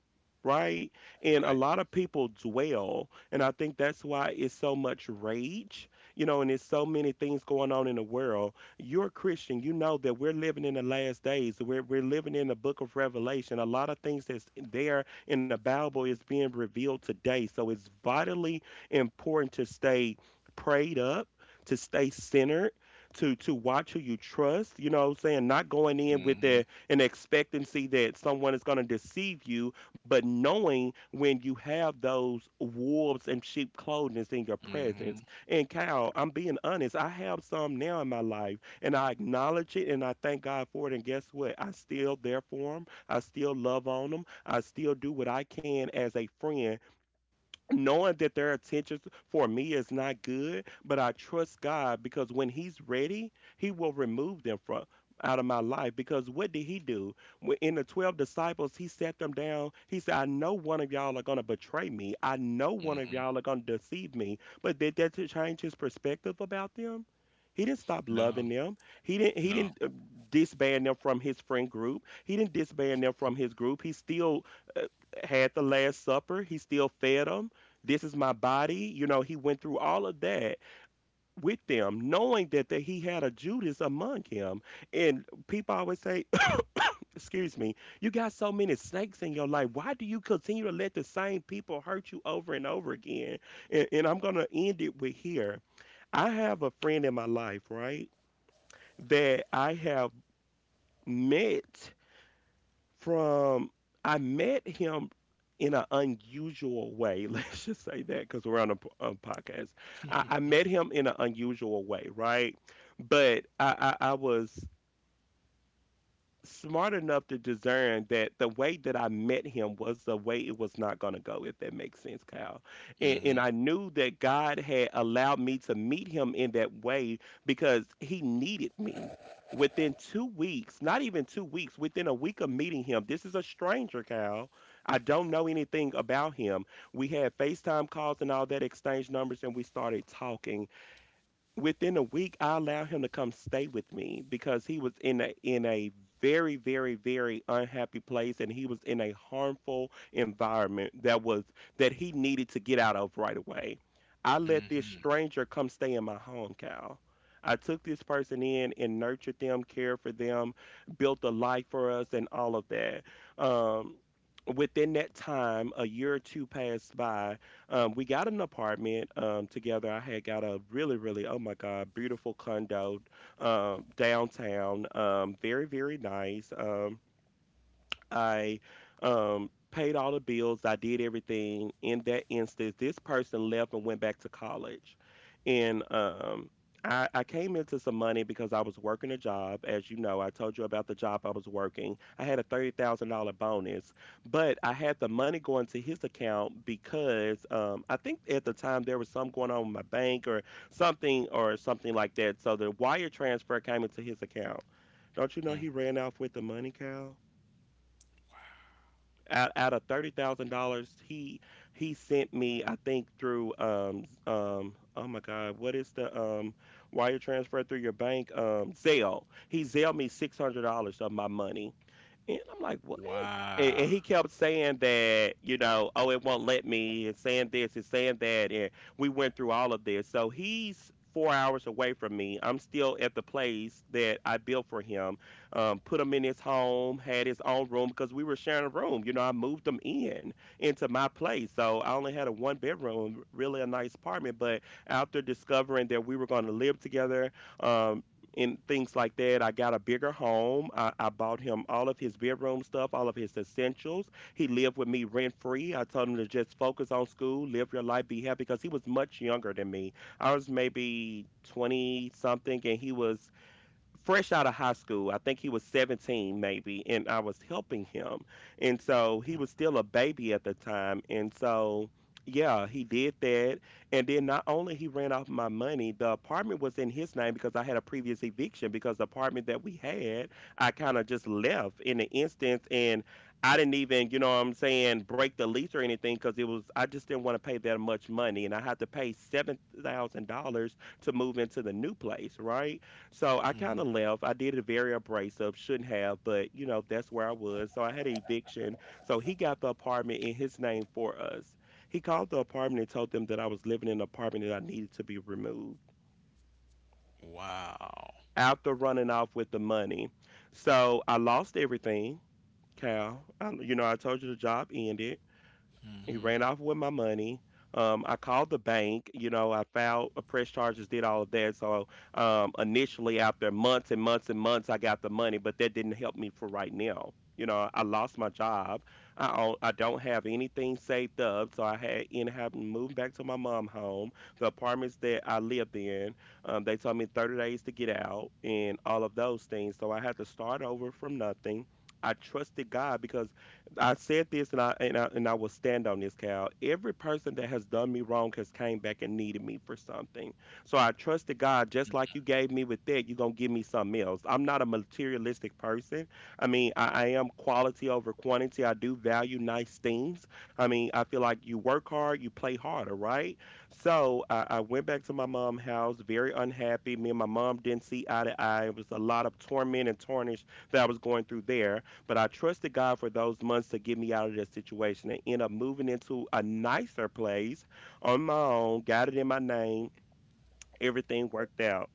S1: Right? And a
S2: Right.
S1: lot of people dwell, and I think that's why it's so much rage, you know, and there's so many things going on in the world. You're a Christian, you know that we're living in the last days. We're living in the book of Revelation. A lot of things that's there in the Bible is being revealed today. So it's vitally important to stay prayed up, to stay centered, to watch who you trust, you know what I'm saying? Not going in with
S2: Mm-hmm.
S1: the an expectancy that someone is gonna deceive you, but knowing when you have those wolves and sheep clothing in your
S2: Mm-hmm.
S1: presence, and Cal, I'm being honest. I have some now in my life, and I acknowledge it, and I thank God for it. And guess what? I still there for them. I still love on them. I still do what I can as a friend, knowing that their intentions for me is not good, but I trust God because when He's ready, He will remove them from out of my life. Because what did He do? In the 12 disciples, He sat them down. He said, I know one of y'all are going to betray me. I know one of
S2: Mm-hmm.
S1: y'all are going to deceive me. But did that to change His perspective about them? He didn't stop
S2: No.
S1: loving them. He didn't. He
S2: No.
S1: didn't uh, disband them from his friend group. He didn't disband them from his group. He still uh, had the Last Supper. He still fed them, this is my body. You know, he went through all of that with them, knowing that he had a Judas among him. And people always say, excuse me, you got so many snakes in your life. Why do you continue to let the same people hurt you over and over again? And I'm going to end it with here. I have a friend in my life, right, that I have met. From I met him in an unusual way. Let's just say that because we're on a podcast. I met him in an unusual way, right? But I was smart enough to discern that the way that I met him was the way it was not going to go, if that makes sense, Kyle. And,
S2: Mm-hmm.
S1: and I knew that God had allowed me to meet him in that way because he needed me. Within 2 weeks, not even 2 weeks, within a week of meeting him, this is a stranger, Kyle. I don't know anything about him. We had FaceTime calls and all that, exchange numbers, and we started talking. Within a week I allowed him to come stay with me because he was in a very very very unhappy place, and he was in a harmful environment that he needed to get out of right away. I let this stranger come stay in my home, Cal. I took this person in and nurtured them, cared for them, built a life for us and all of that. Um Within that time a year or two passed by. We got an apartment together. I had got a really, really, oh my God, beautiful condo downtown. Very, very nice. I paid all the bills. I did everything. In that instance, this person left and went back to college, and I came into some money because I was working a job. As you know, I told you about the job I was working. I had a $30,000 bonus, but I had the money going to his account because I think at the time there was something going on with my bank or something like that. So the wire transfer came into his account. Don't you know he ran off with the money, Cal? Out of $30,000, he sent me, I think, through oh my God, what is the wire transfer through your bank, Zelle? He Zelle me $600 of my money, and I'm like, what?
S2: Wow.
S1: And he kept saying that, you know, oh, it won't let me. It's saying this, it's saying that. And we went through all of this. So he's 4 hours away from me. I'm still at the place that I built for him, put him in his home, had his own room because we were sharing a room. You know, I moved him in into my place. So I only had a 1 bedroom, really a nice apartment. But after discovering that we were going to live together, um, and things like that. I got a bigger home. I bought him all of his bedroom stuff, all of his essentials. He lived with me rent free. I told him to just focus on school, live your life, be happy because he was much younger than me. I was maybe 20 something, and he was fresh out of high school. I think he was 17 maybe, and I was helping him. And so he was still a baby at the time. And so yeah, he did that. And then not only he ran off my money, the apartment was in his name because I had a previous eviction. Because The apartment that we had, I kind of just left in the instance, and I didn't even, you know what I'm saying, break the lease or anything because it was I just didn't want to pay that much money, and I had to pay $7,000 to move into the new place, right? So I
S2: Mm-hmm.
S1: kind of left. I did it very abrasive, shouldn't have, but you know, that's where I was. So I had an eviction. So he got the apartment in his name for us. He called the apartment and told them that I was living in an apartment that I needed to be removed
S2: Wow.
S1: after running off with the money. So I lost everything, Cal. I, you know, I told you the job ended. He ran off with my money. I called the bank. You know, I filed a press charges, did all of that. So initially, after months and months and months, I got the money, but that didn't help me for right now. You know, I lost my job. I own, I don't have anything saved up, so I had ended up moving back to my mom home. The apartments that I lived in, they told me 30 days to get out and all of those things. So I had to start over from nothing. I trusted God because I said this, and I will stand on this, Cal. Every person that has done me wrong has came back and needed me for something. So I trusted God, just like you gave me with that, you're gonna give me something else. I'm not a materialistic person. I mean, I am quality over quantity. I do value nice things. I mean, I feel like you work hard, you play harder, right? So I went back to my mom's house, very unhappy. Me and my mom didn't see eye to eye. It was a lot of torment and tarnish that I was going through there. But I trusted God for those months to get me out of this situation and end up moving into a nicer place on my own, got it in my name, everything worked out.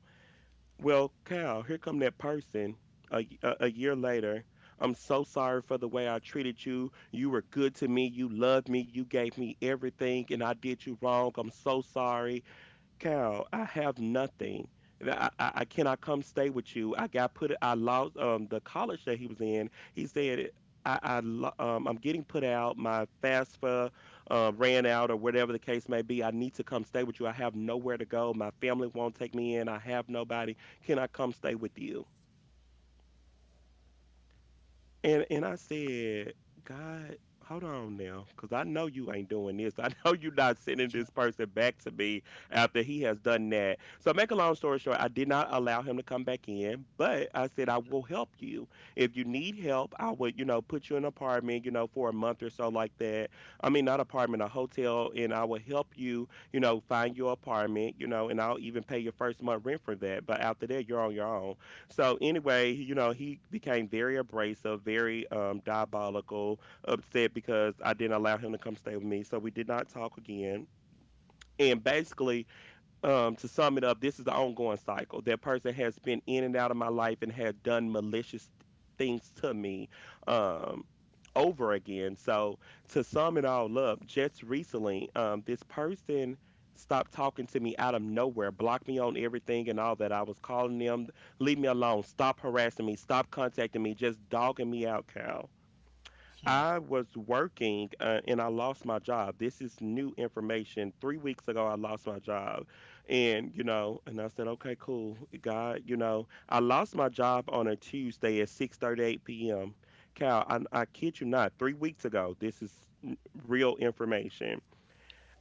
S1: Well, Cal, here come that person a year later. I'm so sorry for the way I treated you. You were good to me. You loved me. You gave me everything, and I did you wrong. I'm so sorry. Carol, I have nothing. I cannot come stay with you. I lost the college that he was in. He said, I'm getting put out. My FAFSA ran out, or whatever the case may be. I need to come stay with you. I have nowhere to go. My family won't take me in. I have nobody. Can I come stay with you? And I said, God, hold on now, because I know you ain't doing this. I know you're not sending this person back to me after he has done that. So make a long story short, I did not allow him to come back in, but I said I will help you. If you need help, I would, you know, put you in an apartment, you know, for a month or so like that. I mean, not apartment, a hotel, and I will help you, you know, find your apartment, you know, and I'll even pay your first month rent for that. But after that, you're on your own. So anyway, you know, he became very abrasive, very diabolical, upset because I didn't allow him to come stay with me. So we did not talk again. And basically, to sum it up, this is the ongoing cycle. That person has been in and out of my life and had done malicious things to me um, over again. So, to sum it all up, just recently, this person stopped talking to me out of nowhere, blocked me on everything and all that. I was calling them, leave me alone, stop harassing me, stop contacting me, just dogging me out, Cal.
S2: Mm-hmm.
S1: I was working and I lost my job. This is new information. 3 weeks ago, I lost my job. You know, and I said, okay, cool. God, you know, I lost my job on a Tuesday at 6:38 p.m. Cal, I kid you not, 3 weeks ago, n- real information.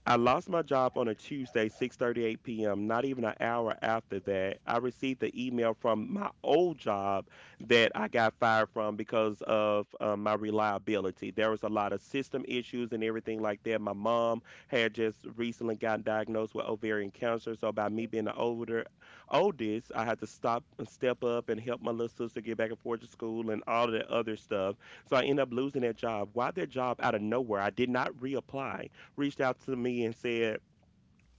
S1: I lost my job on a Tuesday, 6:38 p.m. Not even an hour after that, I received the email from my old job that I got fired from because of my reliability. There was a lot of system issues and everything like that. My mom had just recently gotten diagnosed with ovarian cancer, so by me being the older oldest, I had to stop and step up and help my little sister get back and forth to school and all of that other stuff. So I ended up losing that job. Why that job out of nowhere? I did not reapply reached out to me and said,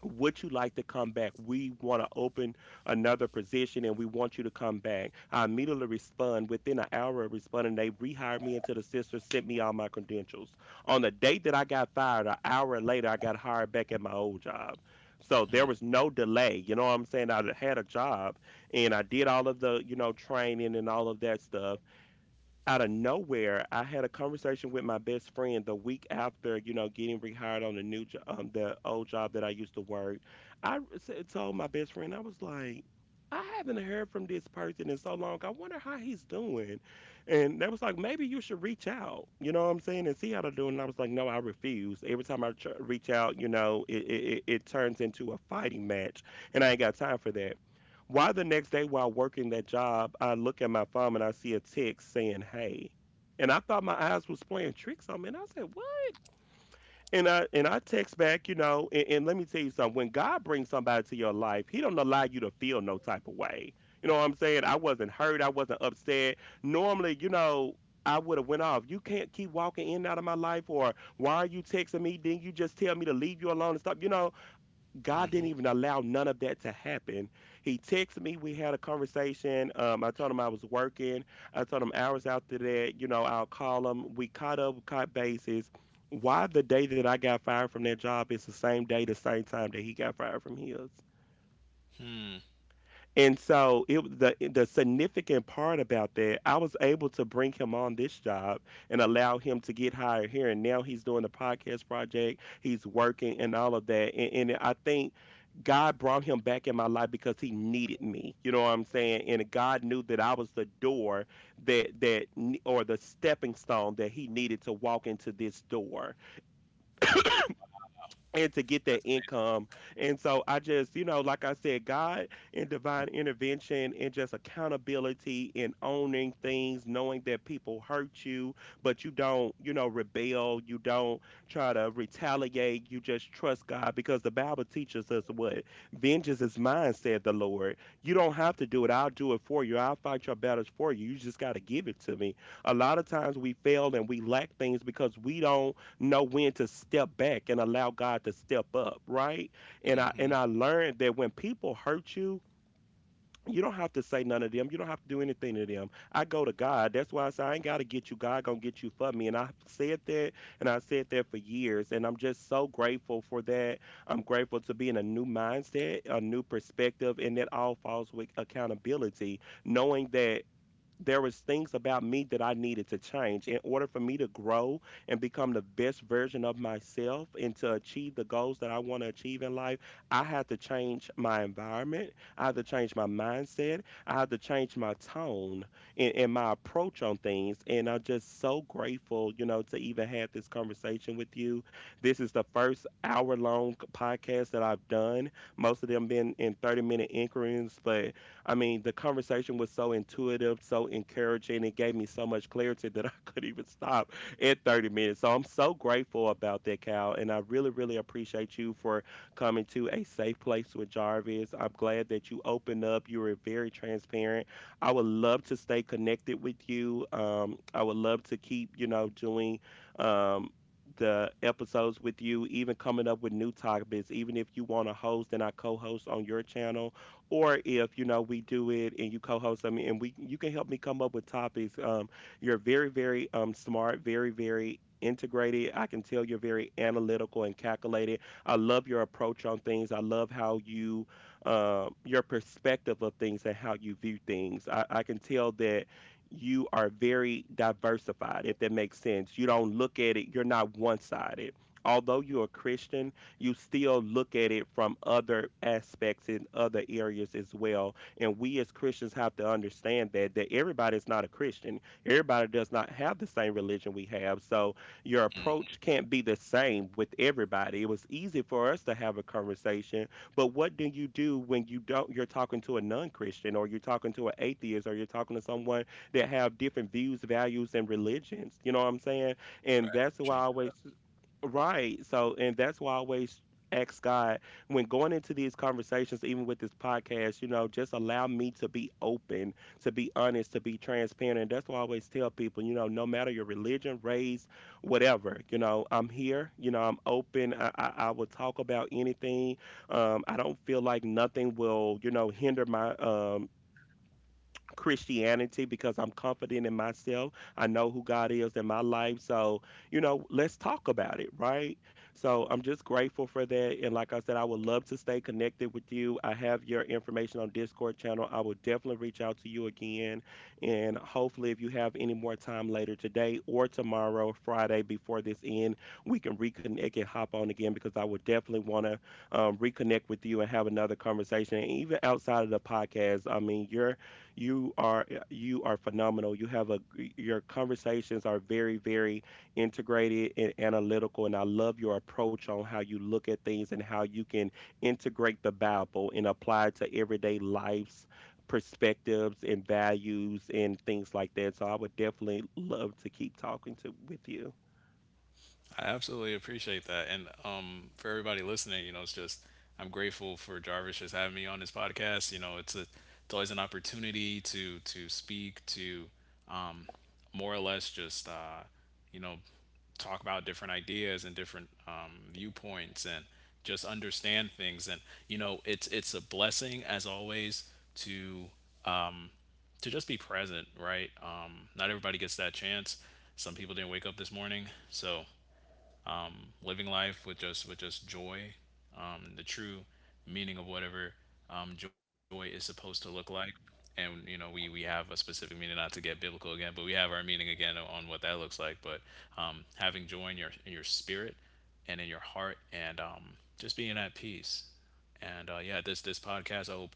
S1: would you like to come back? We want to open another position and we want you to come back. I immediately respond within an hour of responding. They rehired me into the sister, sent me all my credentials. On the day that I got fired, an hour later, I got hired back at my old job. So there was no delay. You know what I'm saying? I had a job, and I did all of the, you know, training and all of that stuff. Out of nowhere, I had a conversation with my best friend the week after, you know, getting rehired on the new job, the old job that I used to work. I Told my best friend, I was like, I haven't heard from this person in so long. I wonder how he's doing. And they was like, maybe you should reach out. You know what I'm saying? And see how they're doing. And I was like, no, I refuse. Every time reach out, you know, it turns into a fighting match. And I ain't got time for that. Why the next day while working that job, I look at my phone and I see a text saying, "Hey," and I thought my eyes was playing tricks on me, and I said, "What?" And I text back, you know, and let me tell you something. When God brings somebody to your life, He don't allow you to feel no type of way. You know what I'm saying? I wasn't hurt. I wasn't upset. Normally, you know, I would have went off. You can't keep walking in and out of my life, or why are you texting me? Then you just tell me to leave you alone and stop. You know, God
S2: Mm-hmm.
S1: didn't even allow none of that to happen. He texted me. We had a conversation. I told him I was working. I told him hours after that, you know, I'll call him. We caught up, we caught bases. Why the day that I got fired from that job is the same day, the same time that he got fired from his? And so it was the significant part about that, I was able to bring him on this job and allow him to get hired here. And now he's doing the podcast project, he's working and all of that. And I think God brought him back in my life because he needed me. You know what I'm saying? And God knew that I was the door or the stepping stone that he needed to walk into this door and to get that income. And so I just, you know, like I said, God and divine intervention and just accountability and owning things, knowing that people hurt you, but you don't, you know, rebel, you don't try to retaliate, you just trust God because the Bible teaches us what vengeance is mine, said the Lord. You don't have to do it. I'll do it for you. I'll fight your battles for you. You just got to give it to me. A lot of times we fail and we lack things because we don't know when to step back and allow God to step up, right? And I learned that when people hurt you, you don't have to say none of them. You don't have to do anything to them. I go to God. That's why I say I ain't gotta get you. God gonna get you for me. And I said that, and I said that for years. And I'm just so grateful for that. I'm grateful to be in a new mindset, a new perspective, and that all falls with accountability. Knowing that there was things about me that I needed to change in order for me to grow and become the best version of myself and to achieve the goals that I want to achieve in life. I had to change my environment. I had to change my mindset. I had to change my tone and my approach on things. And I'm just so grateful, you know, to even have this conversation with you. This is the first hour long podcast that I've done, most of them been in 30-minute increments, but I mean, the conversation was so intuitive, so encouraging. It gave me so much clarity that I couldn't even stop at 30 minutes. So I'm so grateful about that, Cal. And I really, really appreciate you for coming to a safe place with Jarvis. I'm glad that you opened up. You were very transparent. I would love to stay connected with you. I would love to keep, you know, doing um, the episodes with you, even coming up with new topics, even if you want to host and I co host on your channel, or if you know we do it and you co-host, I mean, and we you can help me come up with topics. You're very, very smart, very, very integrated. I can tell you're very analytical and calculated. I love your approach on things. I love how you your perspective of things and how you view things. I can tell that you are very diversified, if that makes sense. You don't look at it, you're not one-sided. Although you're a Christian, you still look at it from other aspects in other areas as well. And we as Christians have to understand that everybody's not a Christian. Everybody does not have the same religion we have. So your approach can't be the same with everybody. It was easy for us to have a conversation, but what do you do when you don't you're talking to a non-Christian, or you're talking to an atheist, or you're talking to someone that have different views, values, and religions? You know what I'm saying? And that's
S2: Right.
S1: why I always. Right. So, and that's why I always ask God when going into these conversations, even with this podcast, you know, just allow me to be open, to be honest, to be transparent. And that's why I always tell people, you know, no matter your religion, race, whatever, you know, I'm here, you know, I'm open. I will talk about anything. I don't feel like nothing will, you know, hinder my Christianity because I'm confident in myself. I know who God is in my life. So, you know, let's talk about it, right? So I'm just grateful for that. And like I said, I would love to stay connected with you. I have your information on Discord channel. I will definitely reach out to you again. And hopefully, if you have any more time later today or tomorrow, Friday, before this end, we can reconnect and hop on again because I would definitely want to reconnect with you and have another conversation. And even outside of the podcast, I mean, you are you are phenomenal. You have a Your conversations are very, very integrated and analytical, and I love your approach on how you look at things and how you can integrate the Bible and apply it to everyday life's perspectives and values and things like that. So I would definitely love to keep talking to with you.
S2: I absolutely appreciate that. And for everybody listening, you know, it's just, I'm grateful for Jarvis just having me on his podcast. You know, it's a, it's always an opportunity to speak to, more or less just you know, talk about different ideas and different viewpoints and just understand things. And you know, it's a blessing as always to just be present, right? Not everybody gets that chance. Some people didn't wake up this morning, so living life with just joy, the true meaning of whatever joy is supposed to look like. And you know, we have a specific meaning, not to get biblical again, but we have our meaning again on what that looks like. But having joy in your spirit and in your heart, and just being at peace. And yeah, this podcast, I hope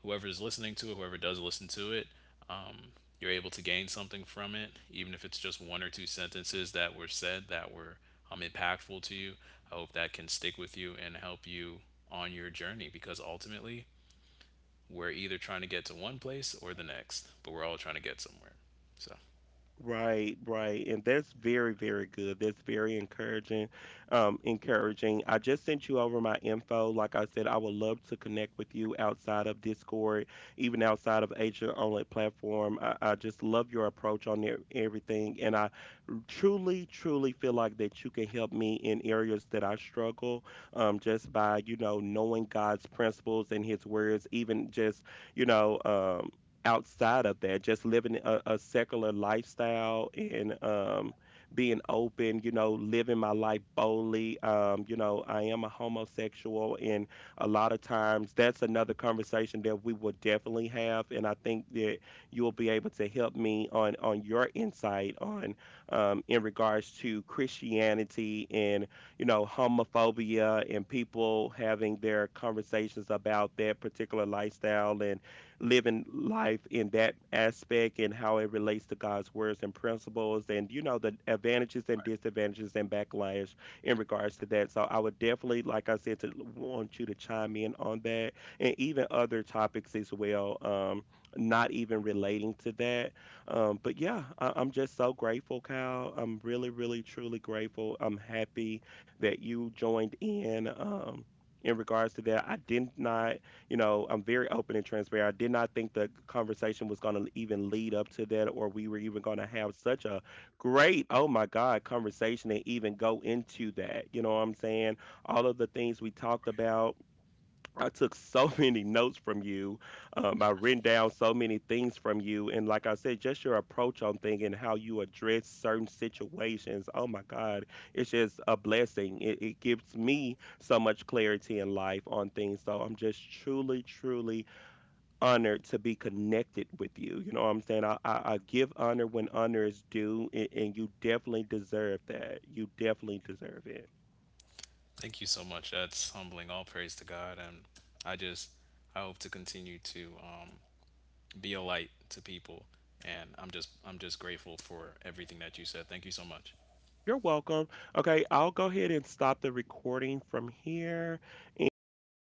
S2: whoever's listening to it, whoever does listen to it, um, you're able to gain something from it, even if it's just one or two sentences that were said that were impactful to you. I hope that can stick with you and help you on your journey because ultimately we're either trying to get to one place or the next, but we're all trying to get somewhere. So
S1: Right, right. And that's very, very good. That's very encouraging. I just sent you over my info. Like I said, I would love to connect with you outside of Discord, even outside of Agent Only platform. I just love your approach on there, everything. And I truly, truly feel like that you can help me in areas that I struggle, just by, you know, knowing God's principles and his words, even just, you know, outside of that, just living a secular lifestyle, and being open, you know, living my life boldly. You know, I am a homosexual, and a lot of times that's another conversation that we will definitely have. And I think that you'll be able to help me on your insight on, in regards to Christianity and, you know, homophobia and people having their conversations about that particular lifestyle and living life in that aspect and how it relates to God's words and principles, and, you know, the advantages and disadvantages and backlash in regards to that. So I would definitely, like I said, to want you to chime in on that and even other topics as well. Not even relating to that. But yeah, I'm just so grateful, Kyle. I'm really, really, truly grateful. I'm happy that you joined in. In regards to that, I did not, you know, I'm very open and transparent. I did not think the conversation was going to even lead up to that, or we were even going to have such a great, oh my God, conversation and even go into that. You know what I'm saying? All of the things we talked about, I took so many notes from you. I've written down so many things from you. And like I said, just your approach on things and how you address certain situations. Oh my God. It's just a blessing. It gives me so much clarity in life on things. So I'm just truly, truly honored to be connected with you. You know what I'm saying? I give honor when honor is due, and you definitely deserve that. You definitely deserve it.
S2: thank you so much. That's humbling. All praise to God, and I just I hope to continue to be a light to people. And I'm just grateful for everything that you said. Thank you so much.
S1: You're welcome. Okay, I'll go ahead and stop the recording from here. And like